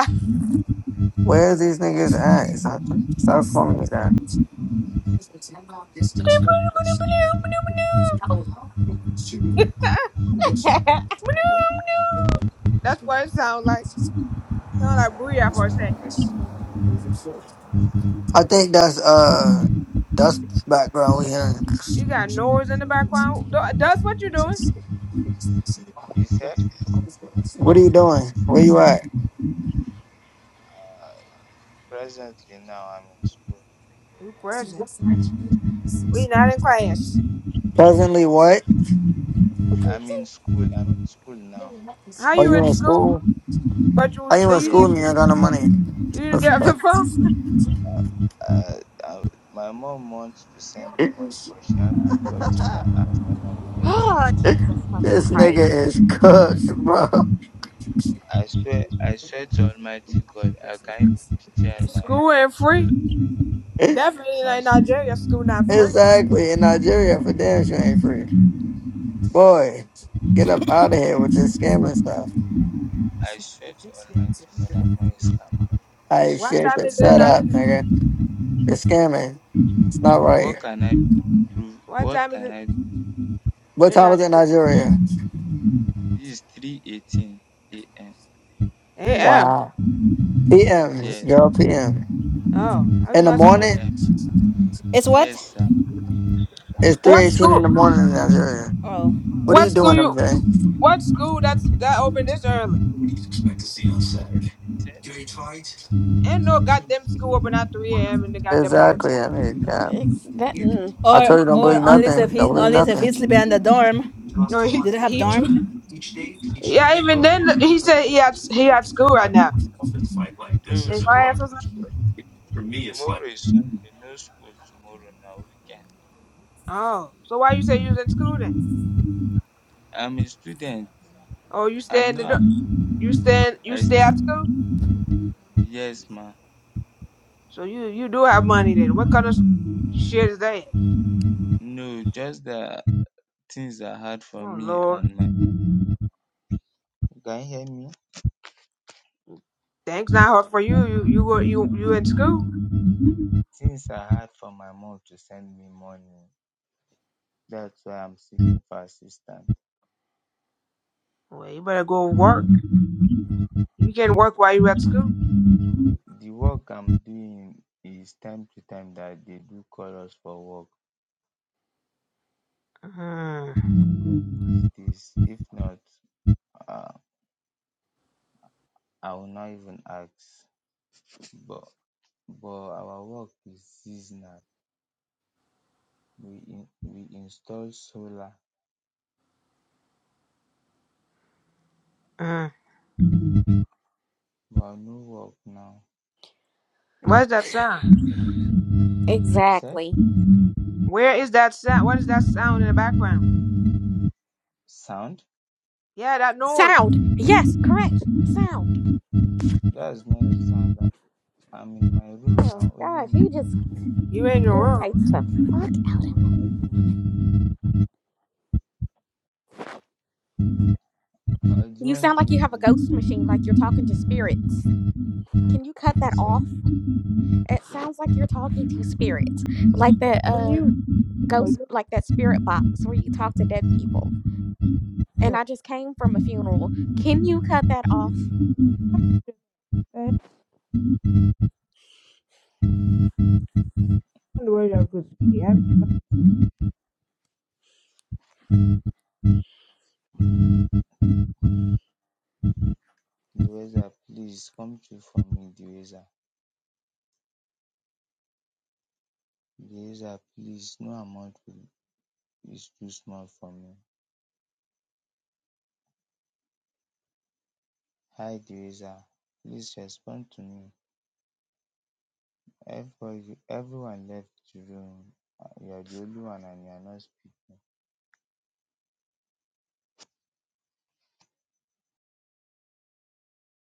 E: Where's these niggas at? Stop, stop calling me that.
B: That's what it sounds like. Sound like Booyah for a second.
E: I think that's uh Dust's background we hearing.
B: You got noise in the background. Th- That's what you're doing.
C: You said
E: What are
B: Oh,
E: you doing? Where you at?
C: presently now I'm in school.
B: you present. We not in class.
E: Presently what?
D: <laughs>
C: I'm in school. I'm in school now.
B: How
E: Are
B: you
E: you
B: in
E: in
B: school?
E: school?
B: But you was-
E: Are you in
B: you
C: Yet,
E: school
B: didn't
E: and you ain't got no money?
B: you
E: <laughs>
B: didn't get <laughs> off the phone.
C: uh, I, my mom wants to send me money, but she hasn't gotten the answer yet.
D: Oh, Jesus fucking
E: this nigga
D: Christ.
E: is cooked, bro.
C: I swear, I swear to Almighty God, I can even picture my
B: School ain't
C: school,
B: free. Definitely
C: my
B: ain't
C: school.
B: Nigeria. School not free.
E: exactly. In Nigeria for damn sure ain't free. Boy, get up out of here with this scamming stuff.
C: I swear to Almighty God, I'm not a scammer. I
E: I
B: What
C: swear
E: shit,
C: to
B: time
E: but
B: is it in
E: shut
C: Almighty.
E: up,
B: Nigeria?
E: nigga. You're scamming. It's not right.
C: What can I prove?
B: What
C: What
B: time is
C: can
B: it
C: I?
E: What
B: in
E: time is it in
B: Nigeria?
E: Nigeria?
C: This is 3:18 a.m.
B: 8 A.M.
E: Wow. PM,
C: Yes,
E: girl, PM.
B: Oh, I was
E: In the
B: gonna say
E: morning?
C: eh,
A: It's what?
C: yes, sir.
E: It's
B: what
E: 3.18 in
B: school?
E: the
C: 3:19.
E: morning in Nigeria.
A: Oh.
E: What are
B: What
E: you
B: school
E: doing,
B: you?
E: MJ?
B: What school that's that open this early? Ain't no goddamn school open at 3 a.m. in the goddamn morning.
E: Exactly. I mean, God.
D: Ex- that, mm,
E: I
A: Or,
E: told you don't
A: or
E: believe
A: unless if
E: nothing.
A: he,
E: Don't believe
A: unless if
E: nothing.
A: he's sleeping in the dorm.
B: No, he,
A: Do they have
B: he tr-
A: dorm?
C: Tomorrow,
B: yeah. Even
C: tomorrow.
B: then, he said he had he had school right now.
C: No,
B: If I ask
C: tomorrow,
B: something,
C: tomorrow. Tomorrow is Sunday. No school tomorrow. Now weekend.
B: oh, so why you say you was in school then?
C: I'm a student.
B: Oh, you stay
C: I'm
B: in the do-
C: not.
B: you
C: a-
B: stay in, you
C: I
B: stay
C: stay.
B: at school,
C: Yes, ma.
B: so you you do have money then. What kind of shit is that?
C: No, just the things are hard for
B: Oh
C: me
B: Lord,
C: and my. Can You hear me?
B: thanks not hard for you. You you were- you you in school?
C: Things are hard for my mom to send me money. That's why I'm seeking for assistance.
B: Well, you better go work. You can not work while you at school.
C: The work I'm doing is time to time that they do call us for work.
B: Mm-hmm.
C: It is, if not, uh, I will not even ask. But but our work is seasonal. We in, we install solar, but no work now.
B: What does that sound?
C: You said
D: exactly.
B: Where is that sound? What is that sound in the background?
C: sound?
B: Yeah, that noise.
D: Sound. Yes, correct. Sound.
C: That's not the sound. I- am in my room now.
D: Oh,
C: Only
D: gosh, he
C: me.
D: just
B: You ain't in the room.
D: irritates the fuck out of me.
C: Uh, do you
D: You
C: want
D: sound like you
C: me
D: have a
C: to?
D: ghost machine, like you're talking to spirits. Can you cut
C: He
D: that off?
C: said,
D: It sounds like you're talking to spirits, like that
B: On
D: uh
B: you. Oh,
D: ghost,
B: you.
D: like that spirit box where you talk to dead people. And
B: Oh,
D: I just came from a funeral. Can you cut that off?
B: I don't that goes.
C: Deweza, please come through for me, Deweza. Deweza, please. No amount will- is too small for me. Hi, Deweza. Please respond to me. Everybody, everyone left the room. Uh, You are the only one, and you are not speaking.